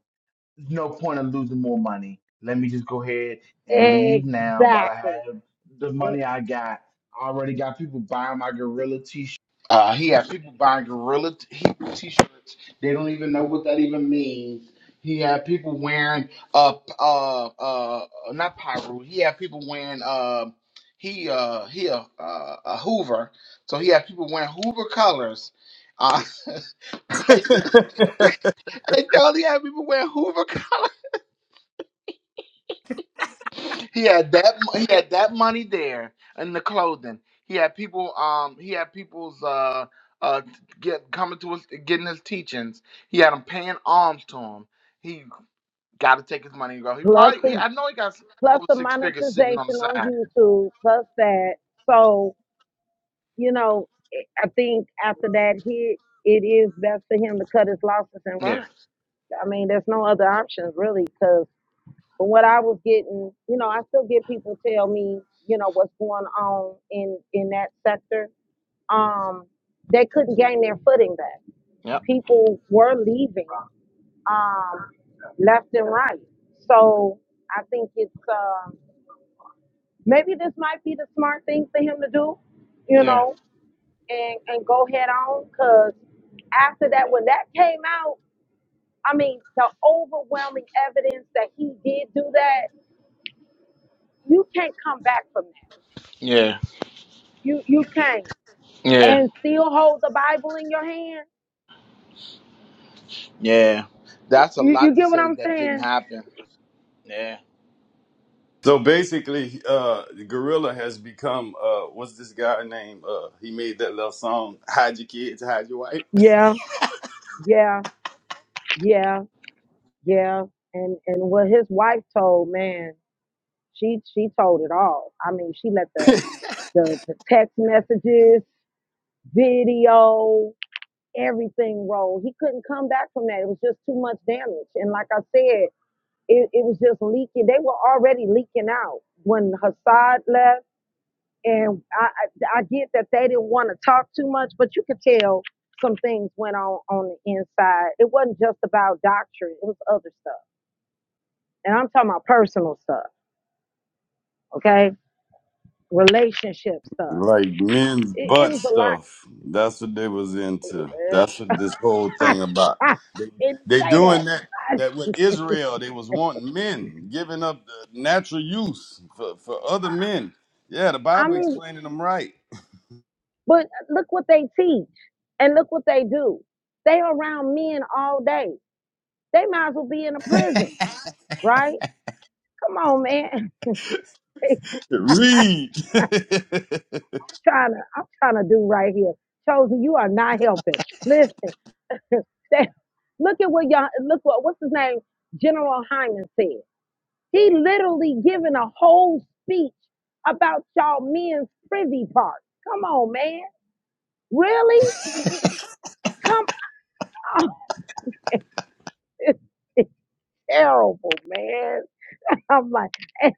no point in losing more money. Let me just go ahead and leave now while I Exactly. have the It, money I got. I already got people buying my gorilla t-shirt. Uh, he had people buying gorilla t- Hebrew t-shirts. They don't even know what that even means. He had people wearing uh p- uh uh not Pyru. He had people wearing uh he uh he a uh, a Hoover. So he had people wearing Hoover colors. Uh, [LAUGHS] crazy [LAUGHS] [LAUGHS] Hey, Tony had people wearing Hoover collars. [LAUGHS] He had that. He had that money there in the clothing. He had people. Um, he had people's uh uh get coming to us getting his teachings. He had them paying alms to him. He got to take his money and go. He plus probably. He, the I know he got plus over the six figures sitting on the monetization on side. YouTube, plus that. So you know, it- I think after that hit, it is best for him to cut his losses and Yeah. run. I mean, there's no other options really, because. But what I was getting, you know, I still get people tell me, you know, what's going on in in that sector. Um, they couldn't gain their footing back. Yep. People were leaving um, left and right. So I think it's um maybe this might be the smart thing for him to do, you Yeah. know, and and go head on. Cause after that, when that came out, I mean, the overwhelming evidence that he did do that, you can't come back from that Yeah. You you can't Yeah. and still hold the Bible in your hand. Yeah. That's a You lot you to get what say I'm that didn't saying? happen. Yeah. So basically, uh, Gorilla has become uh, what's this guy name? Uh, he made that little song, "Hide Your Kids, Hide Your Wife." Yeah, yeah, yeah, yeah. And and what his wife told, man, she she told it all. I mean, she let the [LAUGHS] the, the text messages, video, everything roll. He couldn't come back from that. It was just too much damage. And like I said, it, it was just leaking. They were already leaking out when Hassad left and I, I I get that they didn't want to talk too much, but you could tell some things went on on the inside. It wasn't just about doctrine; it was other stuff, and I'm talking about personal stuff, okay, relationship stuff. like men's It, it butt was a stuff. That's what they was into. That's what this whole lot. thing about. [LAUGHS] I They didn't they say that. doing that I, that with Israel. They was wanting men giving up the natural use for for other men. Yeah, the I Bible mean, explaining them right. but look what they teach and look what they do. They around men all day. They might as well be in a prison, right? Come on, man. [LAUGHS] It, [LAUGHS] Read. [LAUGHS] trying to, I'm trying to do right here. Chosen, you are not helping. Listen, say, look at what y'all, look what, what's his name? General Hyman said. He literally given a whole speech about y'all men's privy part. Come on, man. Really? Come on. [LAUGHS] It's, it's terrible, man. I'm like, [LAUGHS] and,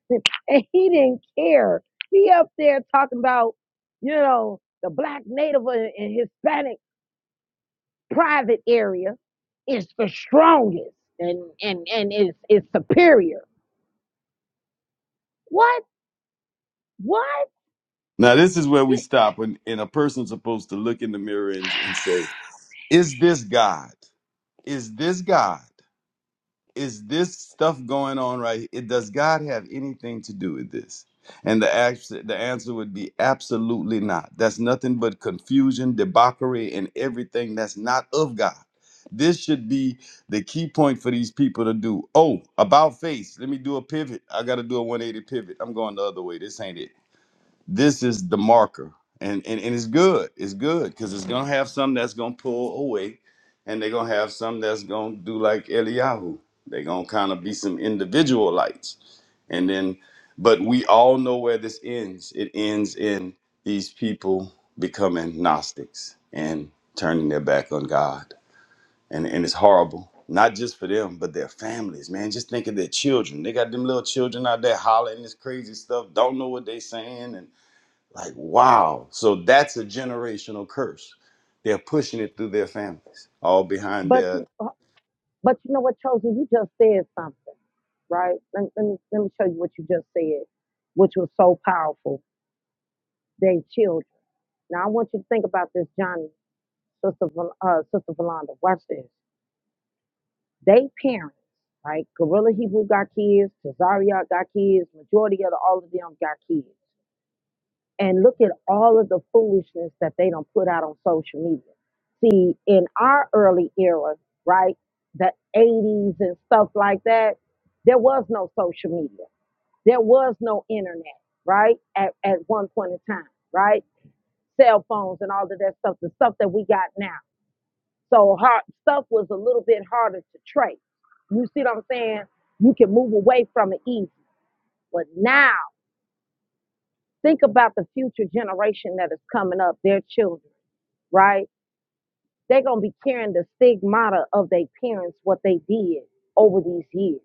and he didn't care. He up there talking about, you know, the black native and and Hispanic private area is the strongest and and and is is superior. What what? Now, this is where we You, stop, and, and a person's supposed to look in the mirror and, and say, Is this God? Is this God? Is this stuff going on right here? It, does God have anything to do with this? And the, act- the answer would be absolutely not. That's nothing but confusion, debauchery, and everything that's not of God. This should be the key point for these people to do. Oh, about face. Let me do a pivot. I got to do a 180 pivot. I'm going the other way. This ain't it this is the marker and and, and it's good it's good because it's gonna have some that's gonna pull away and they're gonna have some that's gonna do like eliyahu they're gonna kind of be some individual lights and then but we all know where this ends it ends in these people becoming gnostics and turning their back on god and and it's horrible not just for them, but their families, man. Just think of their children. They got them little children out there hollering this crazy stuff, don't know what they saying, and. Like, wow. So that's a generational curse. They're pushing it through their families, all behind but their. you uh, but you know what, chosen? You just said something, right? Let, let me let me show you what you just said, which was so powerful. They children. Now I want you to think about this, Johnny, sister, Vol- uh, sister Valanda. Watch this. They parents, right? Gorilla Hebrew got kids. Cesaria got kids. Majority of the, all of them got kids. and look at all of the foolishness that they don't put out on social media. See, in our early era, right, the 80s and stuff like that, there was no social media. There was no internet, right, at, at one point in time, right? Cell phones and all of that stuff, the stuff that we got now. So hard, stuff was a little bit harder to trace. You see what I'm saying? You can move away from it easy. But now, think about the future generation that is coming up, their children right? They're gonna be carrying the stigmata of their parents, what they did over these years.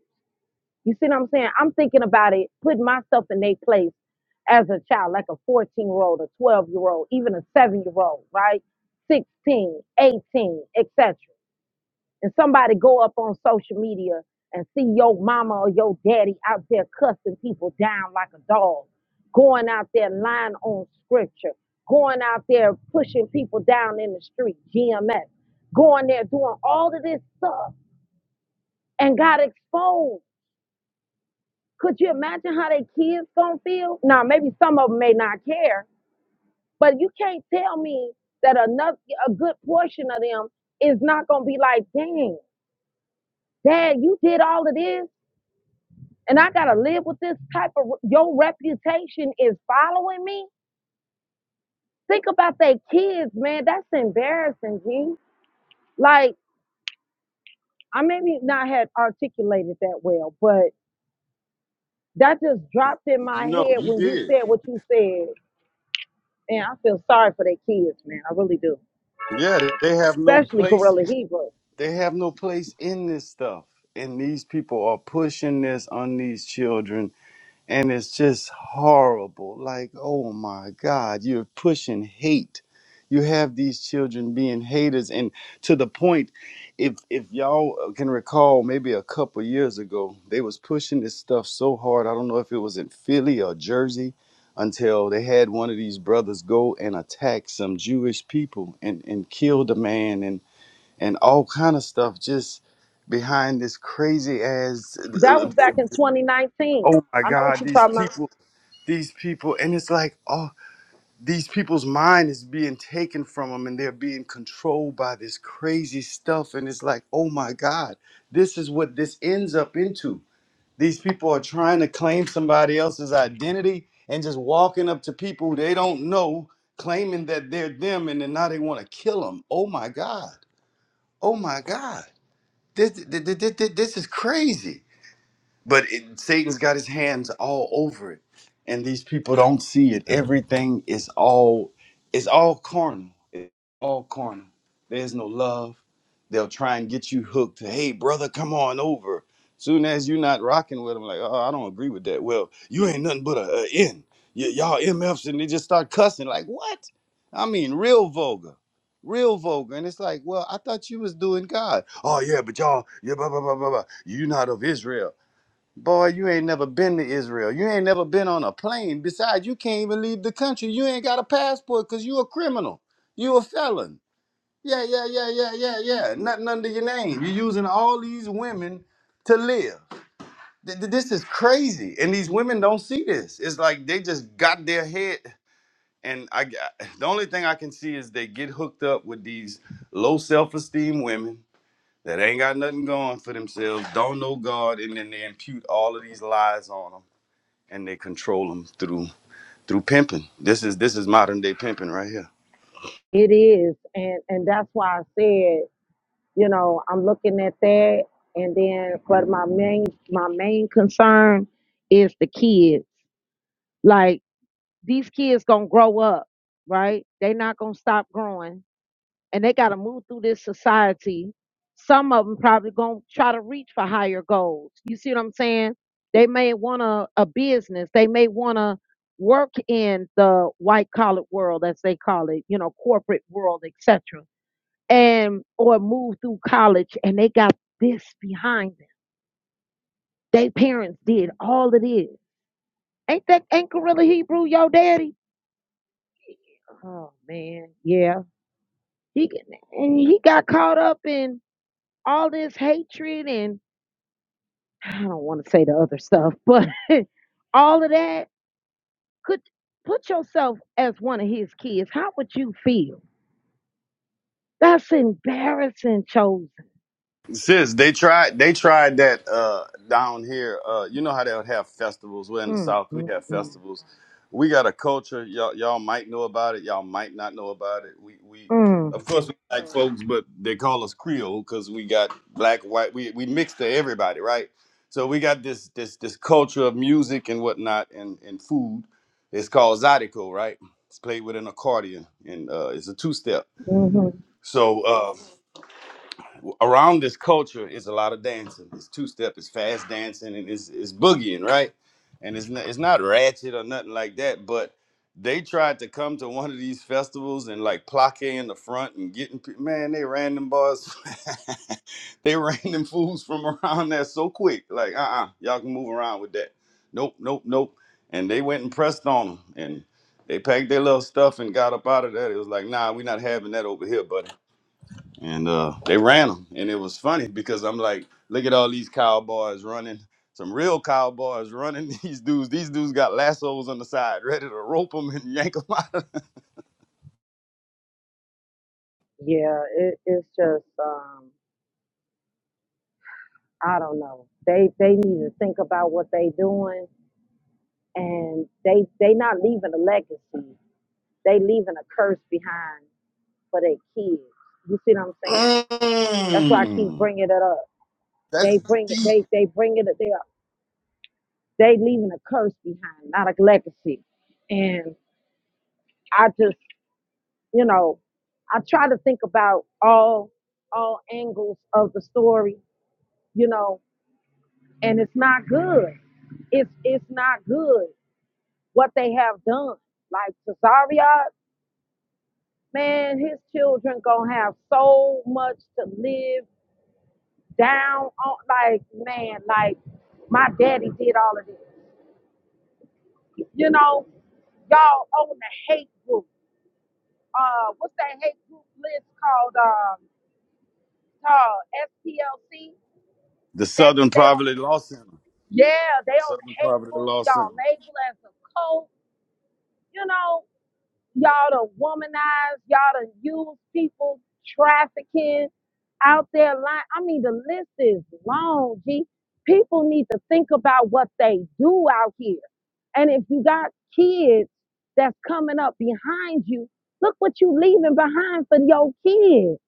You see what I'm saying? I'm thinking about it, putting myself in their place as a child, like a 14 year old, a 12 year old, even a seven year old, right? 16, 18, etc and somebody go up on social media and see your mama or your daddy out there cussing people down like a dog, going out there lying on scripture, going out there pushing people down in the street, GMS, going there doing all of this stuff and got exposed. Could you imagine how they kids gonna feel? Now, maybe some of them may not care, but you can't tell me that another a good portion of them is not gonna be like, dang, dad, you did all of this and I gotta live with this type of your reputation is following me. Think about their kids, man. That's embarrassing, G. Like I maybe not had articulated that well, but that just dropped in my No, head you when you did. said what you said. And I feel sorry for their kids, man. I really do. Yeah, they they have no Especially place. Gorilla Hebrew. They have no place in this stuff. And these people are pushing this on these children and it's just horrible. Like, oh my God, you're pushing hate. You have these children being haters, and to the point, if if y'all can recall, maybe a couple years ago, they was pushing this stuff so hard. I don't know if it was in Philly or Jersey, until they had one of these brothers go and attack some Jewish people and and killed a man and and all kind of stuff just behind this crazy ass. That was uh, back in 2019. Oh my I know what God, you're these talking about. people these people and it's like oh these people's mind is being taken from them and they're being controlled by this crazy stuff and it's like oh my god this is what this ends up into these people are trying to claim somebody else's identity and just walking up to people they don't know claiming that they're them and then now they want to kill them oh my god oh my god this, this, this, this is crazy but it, Satan's got his hands all over it, and these people don't see it. Everything is all it's all carnal. It's all carnal. There's no love. They'll try and get you hooked. Hey, brother, come on over. Soon as you're not rocking with them, like, oh, I don't agree with that. Well, you ain't nothing but a, a N. Y- y'all MFs, and they just start cussing. Like, what? I mean, real vulgar, real vulgar. And it's like, well, I thought you was doing God. Oh yeah, but y'all, yeah, blah blah blah blah blah. you not of Israel. Boy, you ain't never been to Israel. You ain't never been on a plane. Besides, you can't even leave the country. You ain't got a passport because you a criminal. You a felon. Yeah, yeah, yeah, yeah, yeah, yeah. Nothing under your name. You're using all these women to live. Th- th- This is crazy. And these women don't see this. It's like they just got their head. And I, g- the only thing I can see is they get hooked up with these low self-esteem women that ain't got nothing going for themselves, don't know God, and then they impute all of these lies on them and they control them through through pimping. This is this is modern day pimping right here. It is, and and that's why I said you know, I'm looking at that. And then, but my main my main concern is the kids. Like these kids gonna grow up, right? They not gonna stop growing, and they gotta move through this society. Some of them probably gonna try to reach for higher goals. You see what I'm saying? They may want a, a business. They may want to work in the white collar world, as they call it, you know, corporate world, etc and or moved through college and they got this behind them. They parents did all of this. Ain't that ain't Gorilla Hebrew your daddy? Oh man, yeah. He and he got caught up in all this hatred and I don't want to say the other stuff, but [LAUGHS] all of that could put yourself as one of his kids. How would you feel? That's embarrassing, chosen. Sis, they tried they tried that uh down here. Uh you know how they'll have festivals. We're in the Mm, South, we mm, have mm, festivals. We got a culture, y'all y'all might know about it, y'all might not know about it. We we mm, of course we like folks, but they call us Creole because we got black, white, we we mix to everybody, right? So we got this this this culture of music and whatnot and, and food. It's called Zydeco, right? It's played with an accordion and uh it's a two step. hmm So uh, around this culture is a lot of dancing. It's two step, it's fast dancing, and it's it's boogieing, right? And it's not, it's not ratchet or nothing like that. But they tried to come to one of these festivals and like plaque in the front and getting pe- man, they ran them bars, [LAUGHS] they ran them fools from around there so quick. Like uh uh-uh, uh, you all can move around with that. Nope, nope, nope. And they went and pressed on them and. They packed their little stuff and got up out of there. It was like, nah, we're not having that over here, buddy and uh, they ran them, and it was funny because I'm like, look at all these cowboys running, some real cowboys running. [LAUGHS] These dudes, these dudes got lassos on the side, ready to rope them and yank them out. [LAUGHS] Yeah, it, it's just um. I don't know. They they need to think about what they doing, and they they not leaving a legacy. They leaving a curse behind for their kids. You see what I'm saying? That's why I keep Mm, bringing it up. that's They bring it. deep. They they bring it. They are- they leaving a curse behind, not a legacy. And I just you know I try to think about all all angles of the story. You know, and it's not good. It's it's not good what they have done. Like Cesaria, man, his children gonna have so much to live down on. Like, man, like my daddy did all of this. You know, y'all own the hate group. Uh, what's that hate group list called? Um, called STLC. The They was Southern they on Poverty the Law Center. yeah, they on the Southern hate Poverty group. Law Center. Y'all label as a cult. You know. Y'all done womanized. Y'all done used people trafficking out there. Lying. I mean, the list is long, G. People need to think about what they do out here. And if you got kids that's coming up behind you, look what you leaving behind for your kids.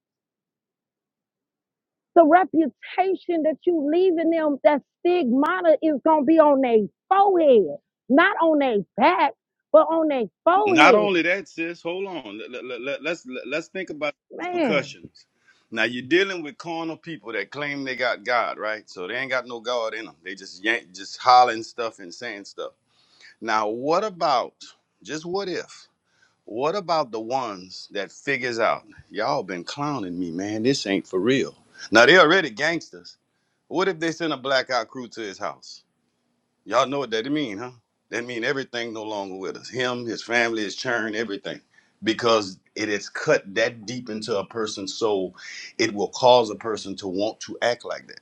The reputation that you leaving them, that stigmata is gonna be on their forehead, not on their back, but on their Not forehead. only that, sis. Hold on. Let, let, let, let's let, us let us think about the Man, repercussions. Now you're dealing with carnal people that claim they got God, right? So they ain't got no God in them. They just yank, just hollering stuff and saying stuff. Now what about just what if? What about the ones that figures out y'all been clowning me, man? This ain't for real. Now they already gangsters. What if they send a blackout crew to his house? Y'all know what that mean, huh? That mean everything no longer with us. Him, his family, his churn, everything. Because it is cut that deep into a person's soul, it will cause a person to want to act like that.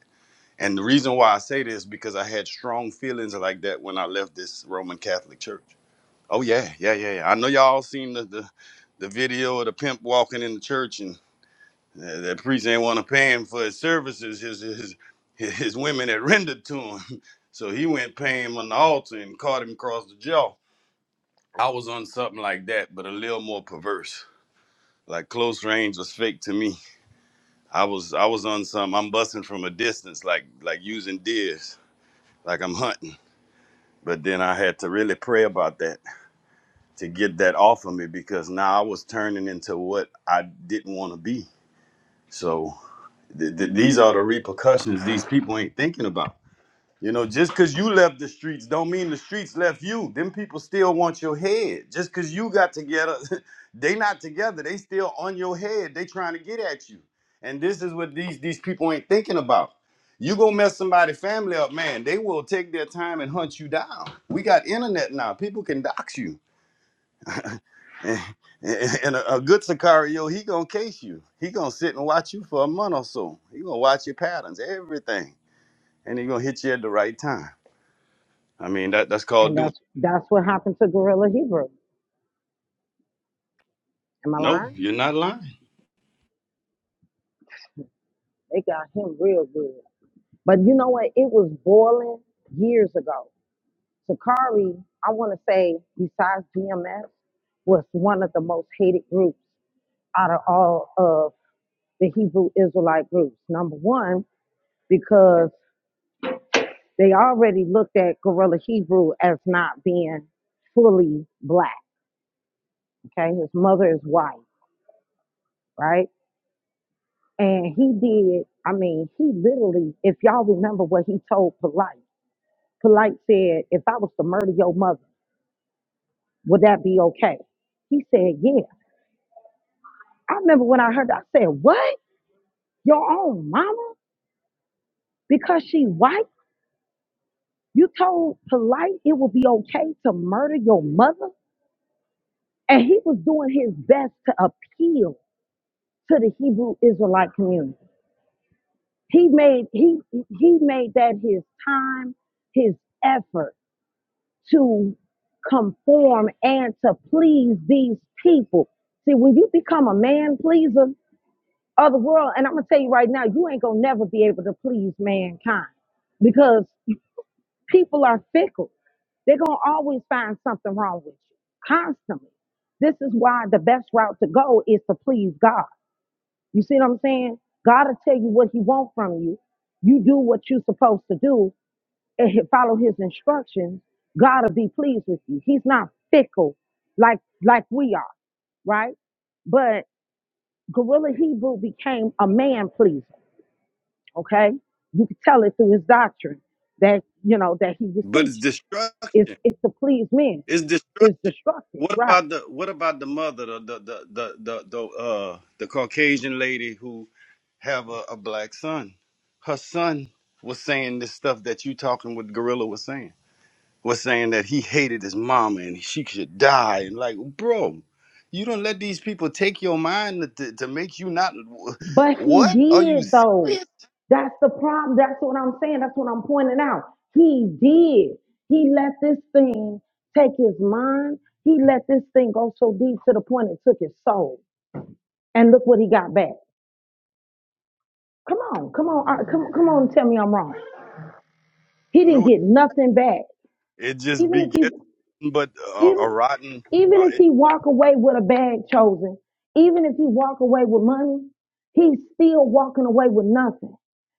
And the reason why I say this because I had strong feelings like that when I left this Roman Catholic Church. Oh yeah, yeah, yeah. yeah. I know y'all seen the the, the video of the pimp walking in the church and. Uh, that priest ain't want to pay him for his services, his his his women had rendered to him. [LAUGHS] So he went pay him on the altar and caught him across the jaw. I was on something like that, but a little more perverse. Like close range was fake to me. I was I was on some I'm busting from a distance, like like using deers, like I'm hunting. But then I had to really pray about that to get that off of me because now I was turning into what I didn't want to be. So th- th- these are the repercussions these people ain't thinking about You know, just cause you left the streets don't mean the streets left you. Them people still want your head. Just cause you got together, [LAUGHS] they not together. They still on your head. They trying to get at you. And this is what these these people ain't thinking about. You gonna mess somebody family up, man. They will take their time and hunt you down. We got internet now. People can dox you. [LAUGHS] And a, a good Sicario, he gonna case you. He gonna sit and watch you for a month or so. He gonna watch your patterns, everything, and he gonna hit you at the right time. I mean, that that's called And doing. that's that's what happened to Gorilla Hebrew. Am I No, lying? you're not lying. They got him real good. But you know what? It was boiling years ago. Sakari, I want to say, besides GMS, was one of the most hated groups out of all of the Hebrew Israelite groups. Number one, because they already looked at Gorilla Hebrew as not being fully black. Okay, his mother is white, right? And he did, I mean, he literally, if y'all remember what he told Polite, Polite said, if I was to murder your mother, would that be okay? He said, yeah. I remember when I heard that, I said, what? Your own mama? Because she white? You told Polite it would be okay to murder your mother? And he was doing his best to appeal to the Hebrew Israelite community. He made he he made that his time, his effort to conform and to please these people. See, when you become a man pleaser of the world, and I'm gonna tell you right now, you ain't gonna never be able to please mankind because people are fickle. They're gonna always find something wrong with you constantly. This is why the best route to go is to please God. You see what I'm saying? God will tell you what He wants from you. You do what you're supposed to do, and he- follow his instructions, God will be pleased with you. He's not fickle like like we are, right? But Gorilla Hebrew became a man pleaser, okay? You could tell it through his doctrine that you know that he was But it's teaching. destruction. It's it's to please men, It's it's destruction. destructive, What right? about the what about the mother, the the the the the, the uh the Caucasian lady who have a, a black son? Her son was saying this stuff that you talking with Gorilla was saying. Was saying that he hated his mama and she should die. And like, bro, you don't let these people take your mind to, to make you not. But he What are you did though. serious? That's the problem. That's what I'm saying. That's what I'm pointing out. He did. He let this thing take his mind. He let this thing go so deep to the point it took his soul. And look what he got back. Come on, come on, uh, come come on, tell me I'm wrong. He didn't No. get nothing back. It just Even if begets he nothing but a, a Even rotten even uh, if he walk away with a bag chosen, even if he walk away with money, he's still walking away with nothing.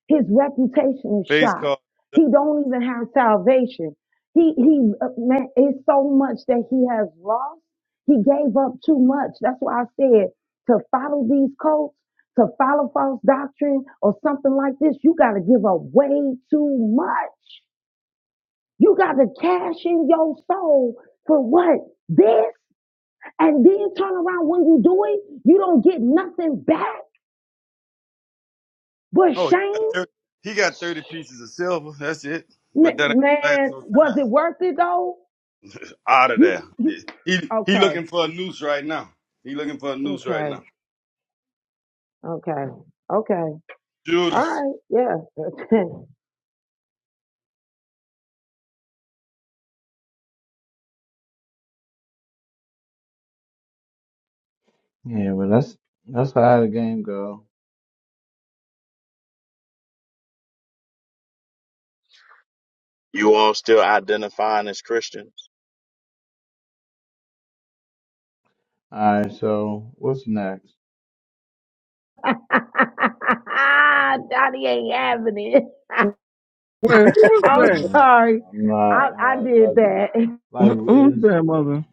His reputation is face shot. called. He don't even have salvation. He he uh, man, it's so much that he has lost. He gave up too much. That's why I said to follow these cults, to follow false doctrine or something like this, you got to give up way too much. You got to cash in your soul for what? This? And then turn around when you do it, you don't get nothing back but Oh, he got, shame? 30, he got 30 pieces of silver. That's it. Ma- But that ain't gonna last man, no was time. it worth it though? Out of You, there. you, He, he okay, looking for a noose right now. He looking for a noose right okay, now. okay, okay. All Judas. right, yeah. [LAUGHS] Yeah, but that's that's how the game go. You all still identifying as Christians? All right, so what's next? Donnie ain't having it. Wait, who was [LAUGHS] I'm that? Mm, sorry. I'm I, not I uh, did like that. [LAUGHS] Who, like who was it's that, mother?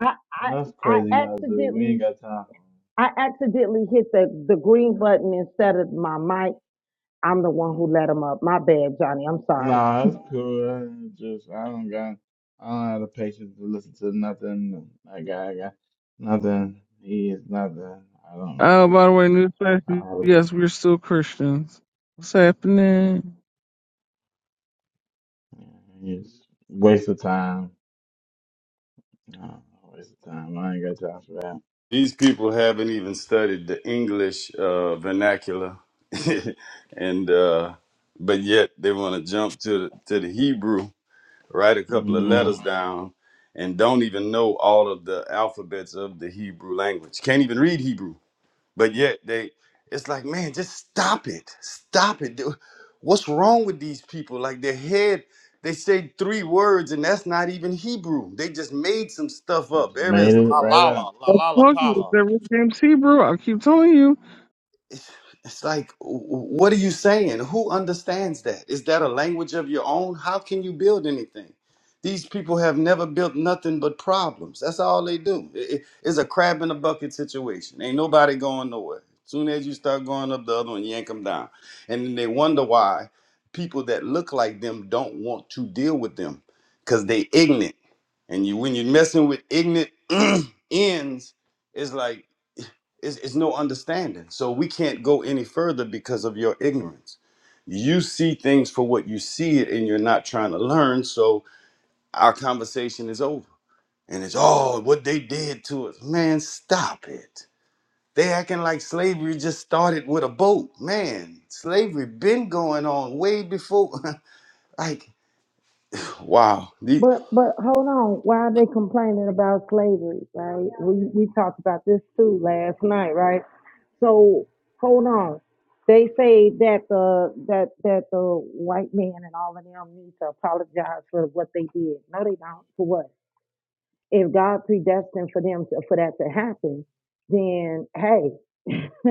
I, I, that's I crazy, Yazoo. We accidentally ain't got time for I accidentally hit the, the green button instead of my mic. I'm the it. one who let him up. My bad, Johnny. I'm Mm. sorry. Nah, it's cool. I just I don't got I don't have the patience to listen to nothing. I got I got nothing. He is nothing. I don't Oh, really. by the way, new I fashion. don't have Yes, we're still Christians. What's happening? Yeah, it's waste of time. Uh, waste of time. I ain't got time for that. These people haven't even studied the English uh, vernacular, [LAUGHS] and uh, but yet they want to jump to the, to the Hebrew write a couple of Mm, letters down, and don't even know all of the alphabets of the Hebrew language. Can't even read Hebrew, but yet they, it's like, man, just stop it, stop it. Dude, What's wrong with these people? Like their head, they say three words, and that's not even Hebrew. They just made some stuff up. just There made is it la right la la up. la I'm la la pa talking. Is la that Rick James Hebrew? I keep telling it's it's like w- what are you saying who understands that is that a language of your own how can you build anything these people have never built nothing but problems that's all they do I- i- it's a crab in a bucket situation ain't nobody going nowhere soon as you start going up the other one yank them down and then they wonder why people that look like them don't want to deal with them because they ignorant and you when you're messing with ignorant [CLEARS THROAT] ends it's like it's, it's no understanding. So we can't go any further because of your ignorance. You see things for what you see it, and you're not trying to learn. So our conversation is over. And it's, oh, what they did to us. Man, stop it. They acting like slavery just started with a boat. Man, slavery been going on way before. [LAUGHS] like, wow. The- But but hold on. Why are they complaining about slavery, right? We we talked about this too last night, right? So hold on. They say that the that that the white man and all of them need to apologize for what they did. No, they don't. For what? If God predestined for them to, for that to happen, then hey, [LAUGHS]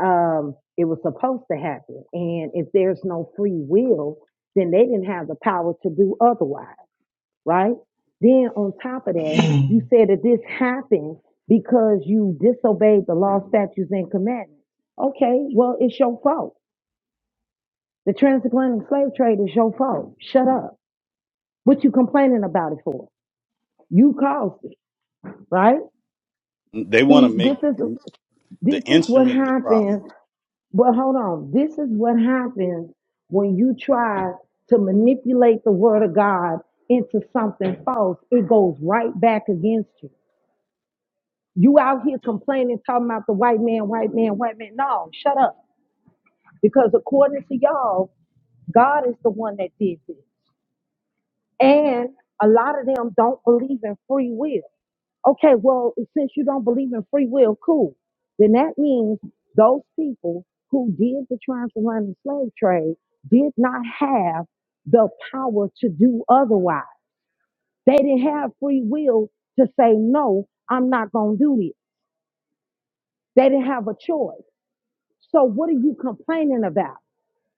um, it was supposed to happen. And if there's no free will, then they didn't have the power to do otherwise, right? Then on top of that, [CLEARS THROAT] you said that this happened because you disobeyed the law, statutes, and commandments. Okay, well, it's your fault. The transatlantic slave trade is your fault. Shut up. What you complaining about it for? You caused it, right? They want to See, make this is This the is what instrument the happens. problem. But hold on. This is what happens when you try to manipulate the word of God into something false. It goes right back against you. You out here complaining, talking about the white man, white man, white man. No, shut up. Because according to y'all, God is the one that did this. And a lot of them don't believe in free will. Okay, well, since you don't believe in free will, cool. Then that means those people who did the transatlantic slave trade did not have the power to do otherwise. They didn't have free will to say, no, I'm not going to do this. They didn't have a choice. So, what are you complaining about?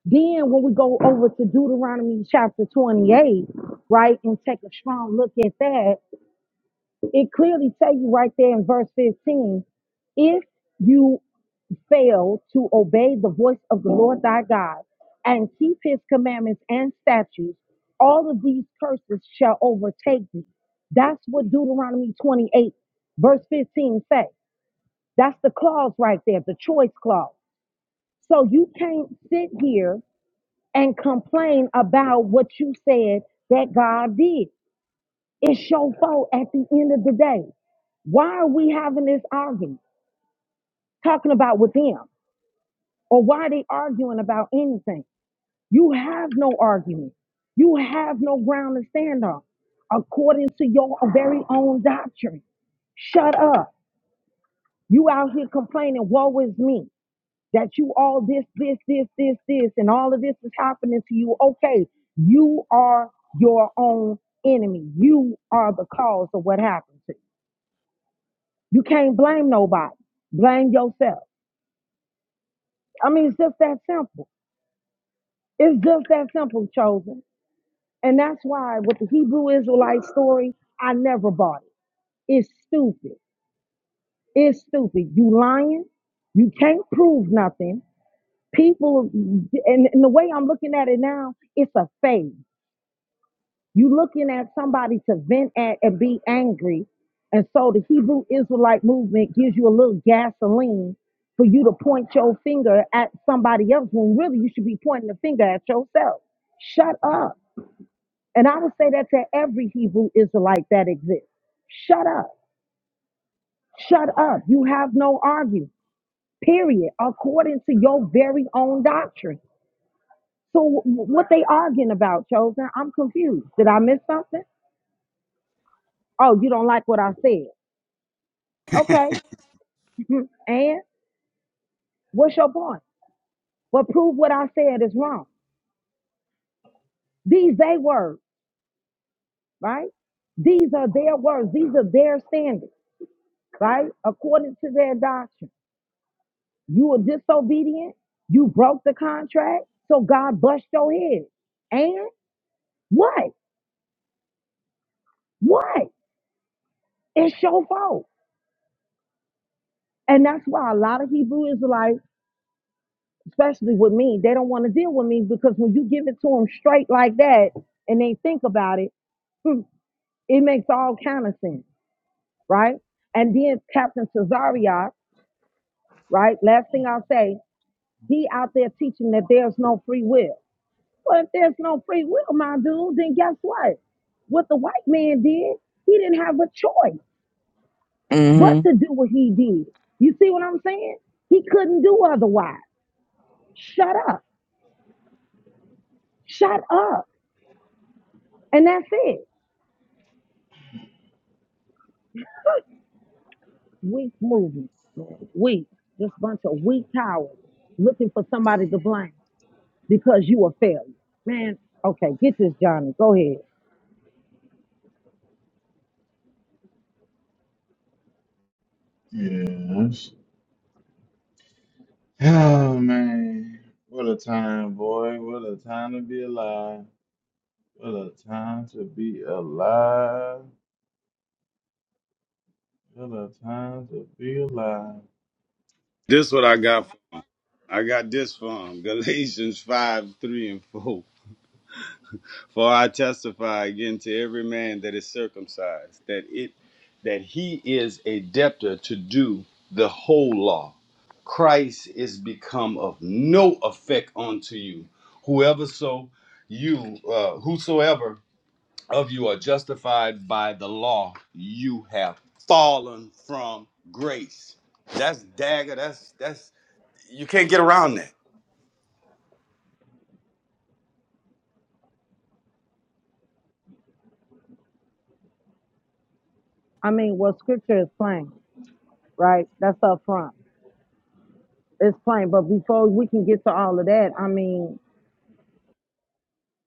Then, when we go over to Deuteronomy chapter 28, right, and take a strong look at that, it clearly tells you right there in verse 15 if you fail to obey the voice of the Lord thy God and keep his commandments and statutes, all of these curses shall overtake thee. That's what Deuteronomy 28, verse 15 say. That's the clause right there, the choice clause. So you can't sit here and complain about what you said that God did. It's your fault at the end of the day. Why are we having this argument? Talking about with them or why are they arguing about anything? You have no argument. You have no ground to stand on according to your very own doctrine. Shut up. You out here complaining, woe is me, that you all this, this, this, this, this, and all of this is happening to you. Okay, you are your own enemy. You are the cause of what happened to you. You can't blame nobody. Blame yourself. I mean, it's just that simple. It's just that simple, chosen. And that's why with the Hebrew Israelite story, I never bought it. It's stupid. It's stupid. You lying. You can't prove nothing. People, and, and the way I'm looking at it now, it's a phase. You looking at somebody to vent at and be angry. And so the Hebrew Israelite movement gives you a little gasoline for you to point your finger at somebody else when really you should be pointing the finger at yourself. Shut up. And I would say that to every Hebrew Israelite that exists. Shut up. Shut up. You have no argument, period, according to your very own doctrine. So wh- what they arguing about, Chosen? I'm confused. Did I miss something? Oh, you don't like what I said. Okay. [LAUGHS] and what's your point? Well, prove what I said is wrong. These they words, right? These are their words. These are their standards, right? According to their doctrine. You were disobedient. You broke the contract. So God bust your head. And what? What? It's your fault. And that's why a lot of Hebrew Israelites, especially with me, they don't want to deal with me because when you give it to them straight like that and they think about it, hmm, it makes all kind of sense, right? And then Captain Cesario, right? Last thing I'll say, he out there teaching that there's no free will. Well, if there's no free will, my dude, then guess what? What the white man did, he didn't have a choice but you. to do what he did. You see what I'm saying? He couldn't do otherwise. Shut up. Shut up. And that's it. Weak movement. man. Weak. Just a bunch of weak cowards looking for somebody to blame because you a failure. Man, okay, get this, Johnny. Go ahead. Yeah, Oh man, what a time, boy. What a time to be alive. What a time to be alive. What a time to be alive. This what I got. I got this from [LAUGHS] Galatians 5, 3 and 4. For I testify again to every man that is circumcised that it that he is a debtor to do the whole law. Christ is become of no effect unto you. Whoever so you uh, whosoever of you are justified by the law, you have fallen from grace. That's dagger. That's that's you can't get around that. I mean, well, scripture is plain, right? That's up front. It's plain. But before we can get to all of that, I mean,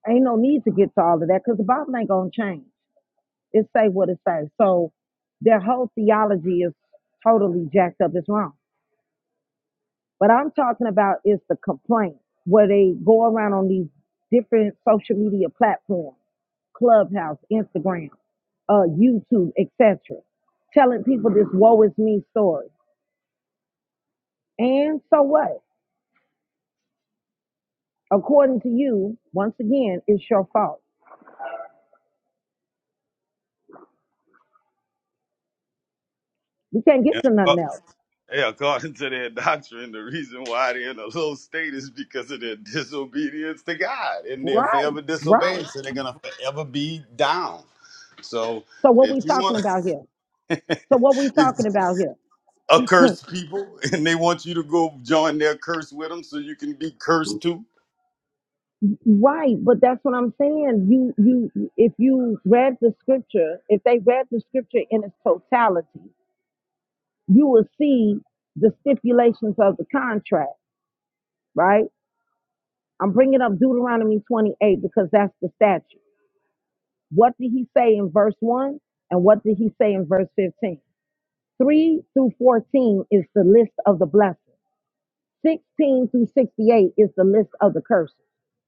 Ain't no need to get to all of that because the Bible ain't gonna change. It say what it says. So their whole theology is totally jacked up. It's wrong. What I'm talking about is the complaint where they go around on these different social media platforms, Clubhouse, Instagram, uh, YouTube, etc., telling people this woe is me story. And so what? According to you, once again, it's your fault. We can't get to Yeah. nothing else. Yeah, according to their doctrine, the reason why they're in a low state is because of their disobedience to God, and they're Right, forever disobeying, right. so they're gonna forever be down. So, So what we if you talking want, about here? [LAUGHS] So what we if talking about here? accursed people, and they want you to go join their curse with them, so you can be cursed too. Right, but that's what I'm saying. You you if you read the scripture, if they read the scripture in its totality, you will see the stipulations of the contract, right? I'm bringing up Deuteronomy 28 because that's the statute. What did he say in verse 1 and what did he say in verse 15? 3 through 14 is the list of the blessings. 16 through 68 is the list of the curses.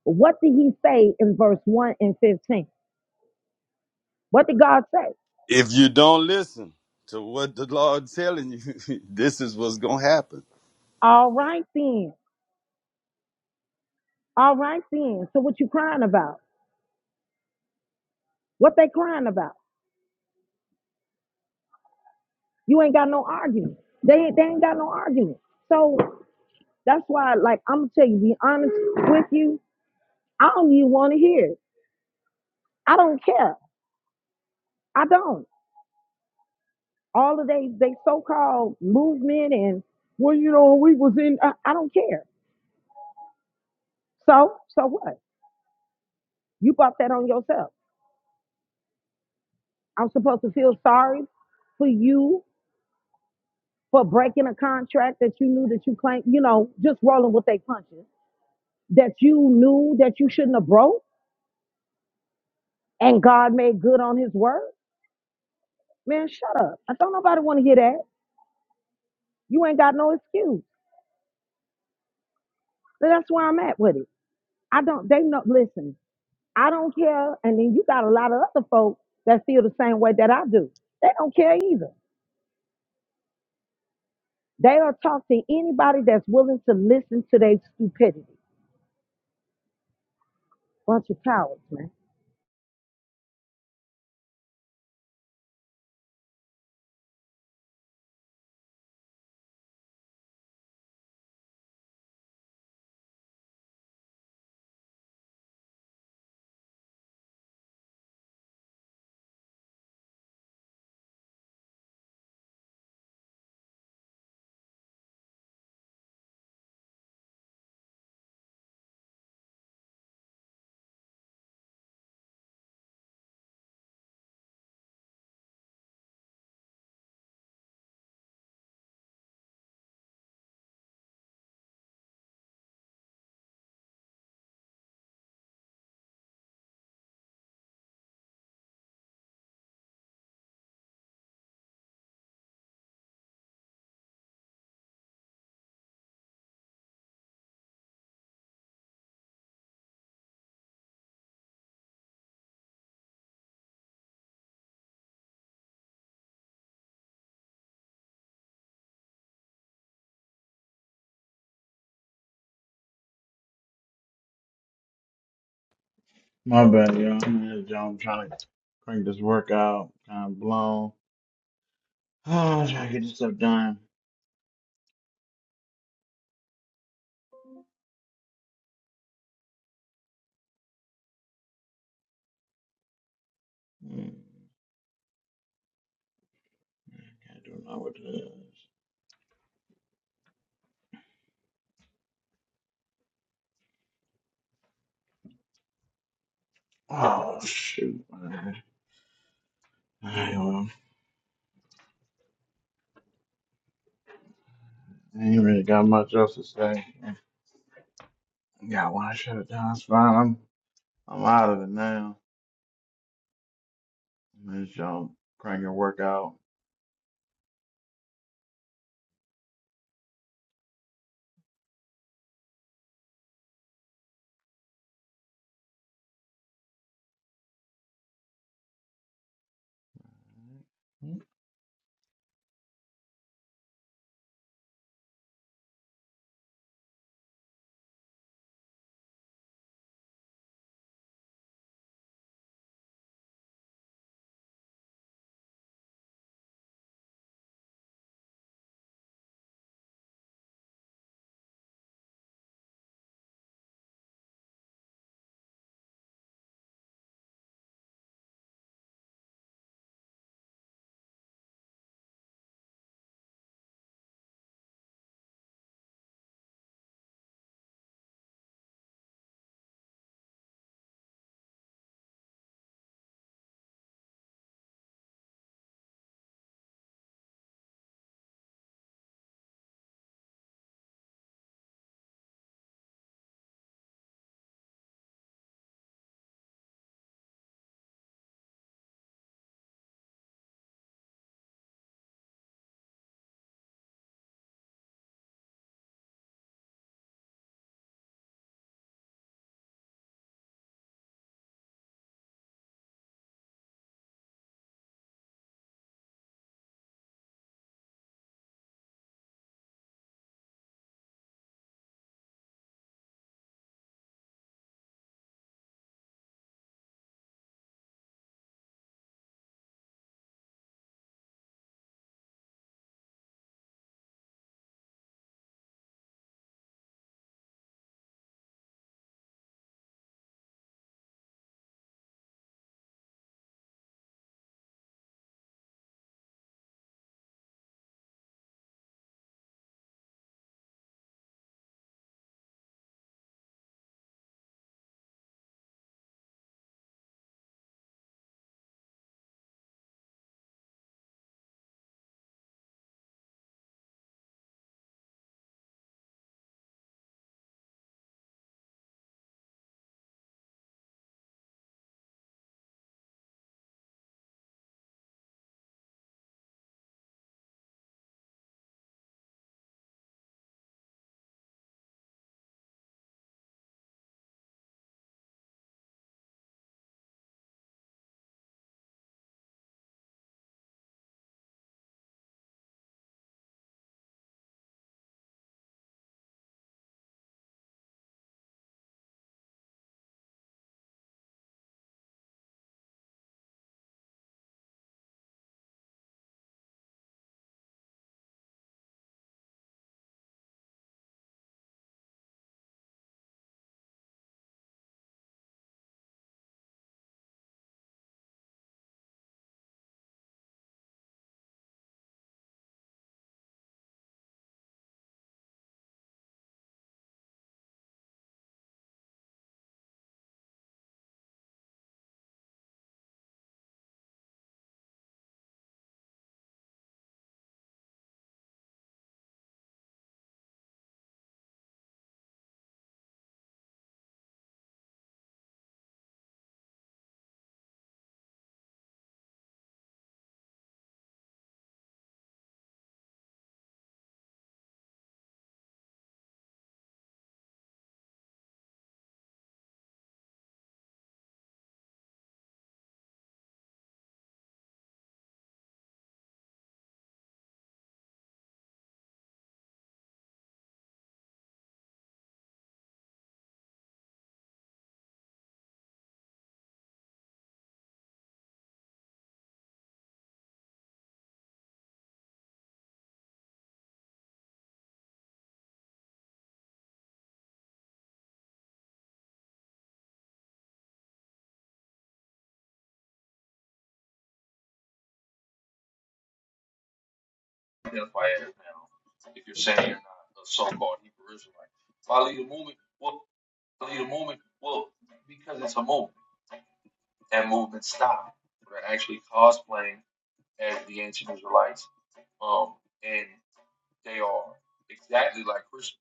What did he say in verse 1 and 15? What did God say? If you don't listen to what the Lord telling you, [LAUGHS] this is what's gonna happen. All right then. All right then. So what you crying about? What they crying about? You ain't got no argument. They they ain't got no argument. So that's why, like, I'm gonna tell you, be honest with you. I don't even want to hear it. I don't care. I don't. All of they they so called movement and well, you know, we was in. I, I don't care. So so what? You bought that on yourself. I'm supposed to feel sorry for you for breaking a contract that you knew that you claimed, you know, just rolling with their punches that you knew that you shouldn't have broke and God made good on his word? Man, shut up. I don't nobody want to hear that. You ain't got no excuse. But that's where I'm at with it. I don't, they know, listen, I don't care. And then you got a lot of other folks that feel the same way that I do. They don't care either. They'll talk to anybody that's willing to listen to their stupidity. Bunch of cowards, man. My bad, y'all. I'm in this job. I'm trying to crank this workout. Kind of blown. [SIGHS] Oh, I'm trying to get this stuff done. Hmm, I can't do not with this. Oh, shoot, man. All right, well, I ain't really got much else to say. Got one shut it down. It's fine. I'm, I'm out of it now. Let's jump, crank your workout. That's why I ask now, if you're saying you're not a so-called Hebrew Israelite, follow the movement? Well, why lead movement? Well, because it's a movement. That movement stopped. They're actually cosplaying as the ancient Israelites, um, and they are exactly like Christians.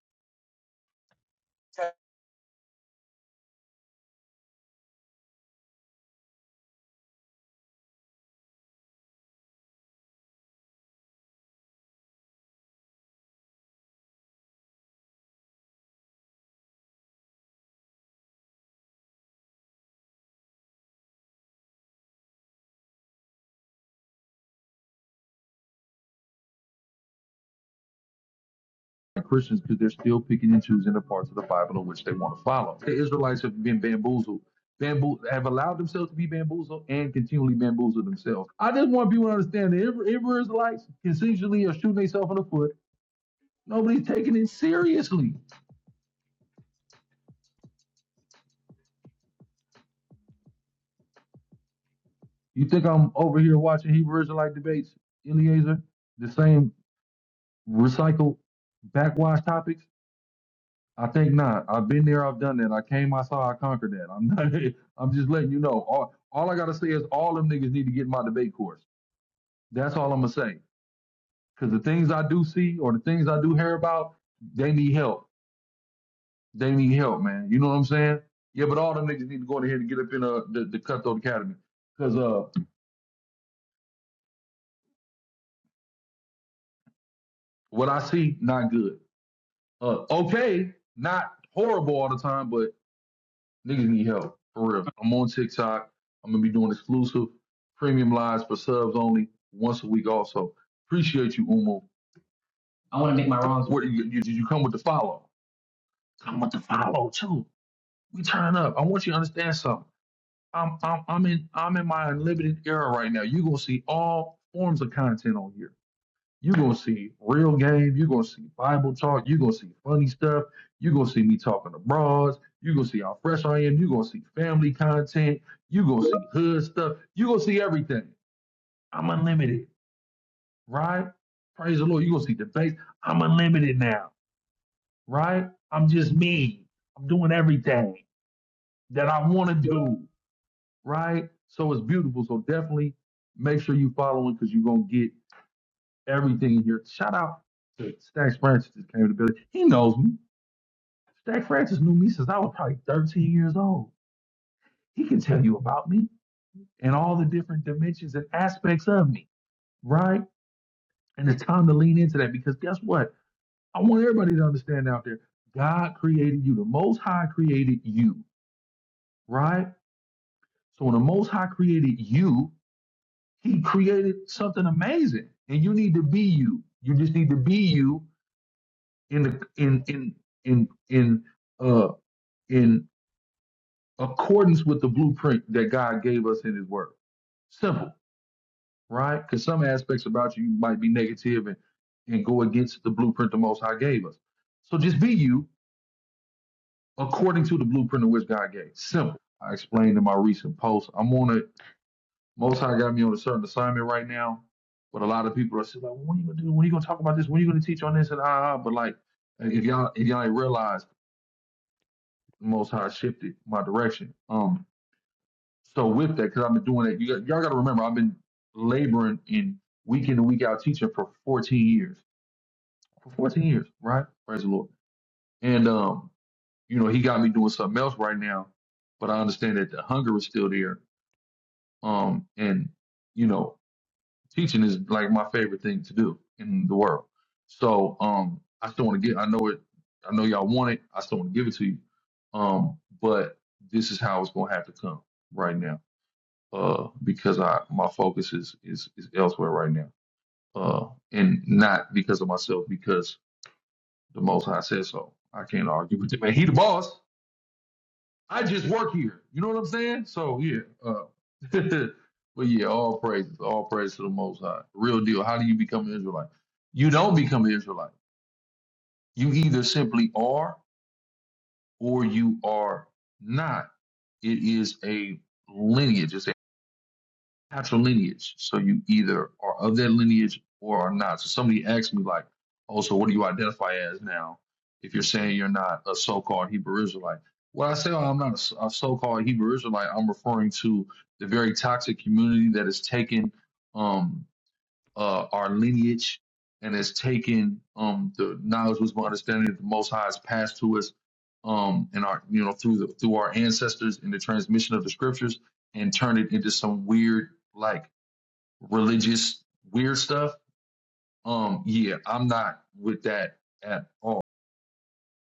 Christians because they're still picking and choosing the parts of the Bible in which they want to follow. The Israelites have been bamboozled. Bamboo have allowed themselves to be bamboozled and continually bamboozled themselves. I just want people to understand that every, every Israelites essentially are shooting themselves in the foot. Nobody's taking it seriously. You think I'm over here watching Hebrew Israelite debates, Eliezer? The same recycled backwash topics? I think not. I've been there. I've done that. I came. I saw. I conquered that. I'm not. [LAUGHS] I'm just letting you know. All, all I gotta say is all them niggas need to get in my debate course. That's all I'm gonna say. Cause the things I do see or the things I do hear about, they need help. They need help, man. You know what I'm saying? Yeah, but all them niggas need to go in here and get up in uh, the, the Cutthroat Academy. Cause uh, what I see, not good. Uh, okay, not horrible all the time, but Niggas need help for real. I'm on TikTok. I'm gonna be doing exclusive premium lives for subs only once a week. Also, appreciate you, Umo. I want to make my wrongs. Where you, you, you come with the follow? Come with the follow too. We turn up. I want you to understand something. I'm I'm I'm in I'm in my unlimited era right now. You are gonna see all forms of content on here. You're gonna see real game. You're gonna see Bible talk. You're gonna see funny stuff. You're gonna see me talking to broads. You're gonna see how fresh I am. You're gonna see family content. You're gonna see hood stuff. You're gonna see everything. I'm unlimited, right? Praise the Lord. You're gonna see debates. I'm unlimited now, right? I'm just me. I'm doing everything that I want to do, right? So it's beautiful. So definitely make sure you following because you're gonna get everything in here. Shout out to Stax Francis that came to the building. He knows me. Stax Francis knew me since I was probably 13 years old. He can tell you about me and all the different dimensions and aspects of me, right? And it's time to lean into that because guess what? I want everybody to understand out there God created you. The Most High created you, right? So when the Most High created you, He created something amazing. And you need to be you. You just need to be you in the in in in in uh in accordance with the blueprint that God gave us in His Word. Simple, right? Because some aspects about you might be negative and and go against the blueprint the Most High gave us. So just be you according to the blueprint in which God gave. Simple. I explained in my recent post. I'm on a Most High got me on a certain assignment right now, but a lot of people are still like, "Well, "When are you gonna do? When are you gonna talk about this? When are you gonna teach on this?" And ah, ah." ah. but like, if y'all if y'all ain't realize. the Most High shifted my direction. Um, so with that, because I've been doing that, you, y'all got to remember, I've been laboring in week in and week out teaching for 14 years. For 14 years, right? Praise the Lord. And um, you know, he got me doing something else right now, but I understand that the hunger is still there. Um, and you know, teaching is like my favorite thing to do in the world. So um, I still want to get. I know it. I know y'all want it. I still want to give it to you. Um, but this is how it's gonna have to come right now. Uh, because I my focus is is is elsewhere right now. Uh, and not because of myself, because the Most High says so. I can't argue with him. Man, he the boss. I just work here. You know what I'm saying? So yeah. Uh, [LAUGHS] but yeah, all praises, all praise to the Most High. Real deal. How do you become an Israelite? You don't become an Israelite. You either simply are or you are not. It is a lineage. It's natural lineage. So you either are of that lineage or are not. So somebody asked me like, "Oh, so what do you identify as now? If you're saying you're not a so-called Hebrew Israelite." When I say oh, I'm not a s- a so-called Hebrew Israelite, I'm referring to the very toxic community that has taken. um, uh, our lineage and has taken um, the knowledge, wisdom, understanding that the Most High has passed to us um, and our you know through the through our ancestors in the transmission of the scriptures and turned it into some weird like religious weird stuff. Um, yeah, I'm not with that at all.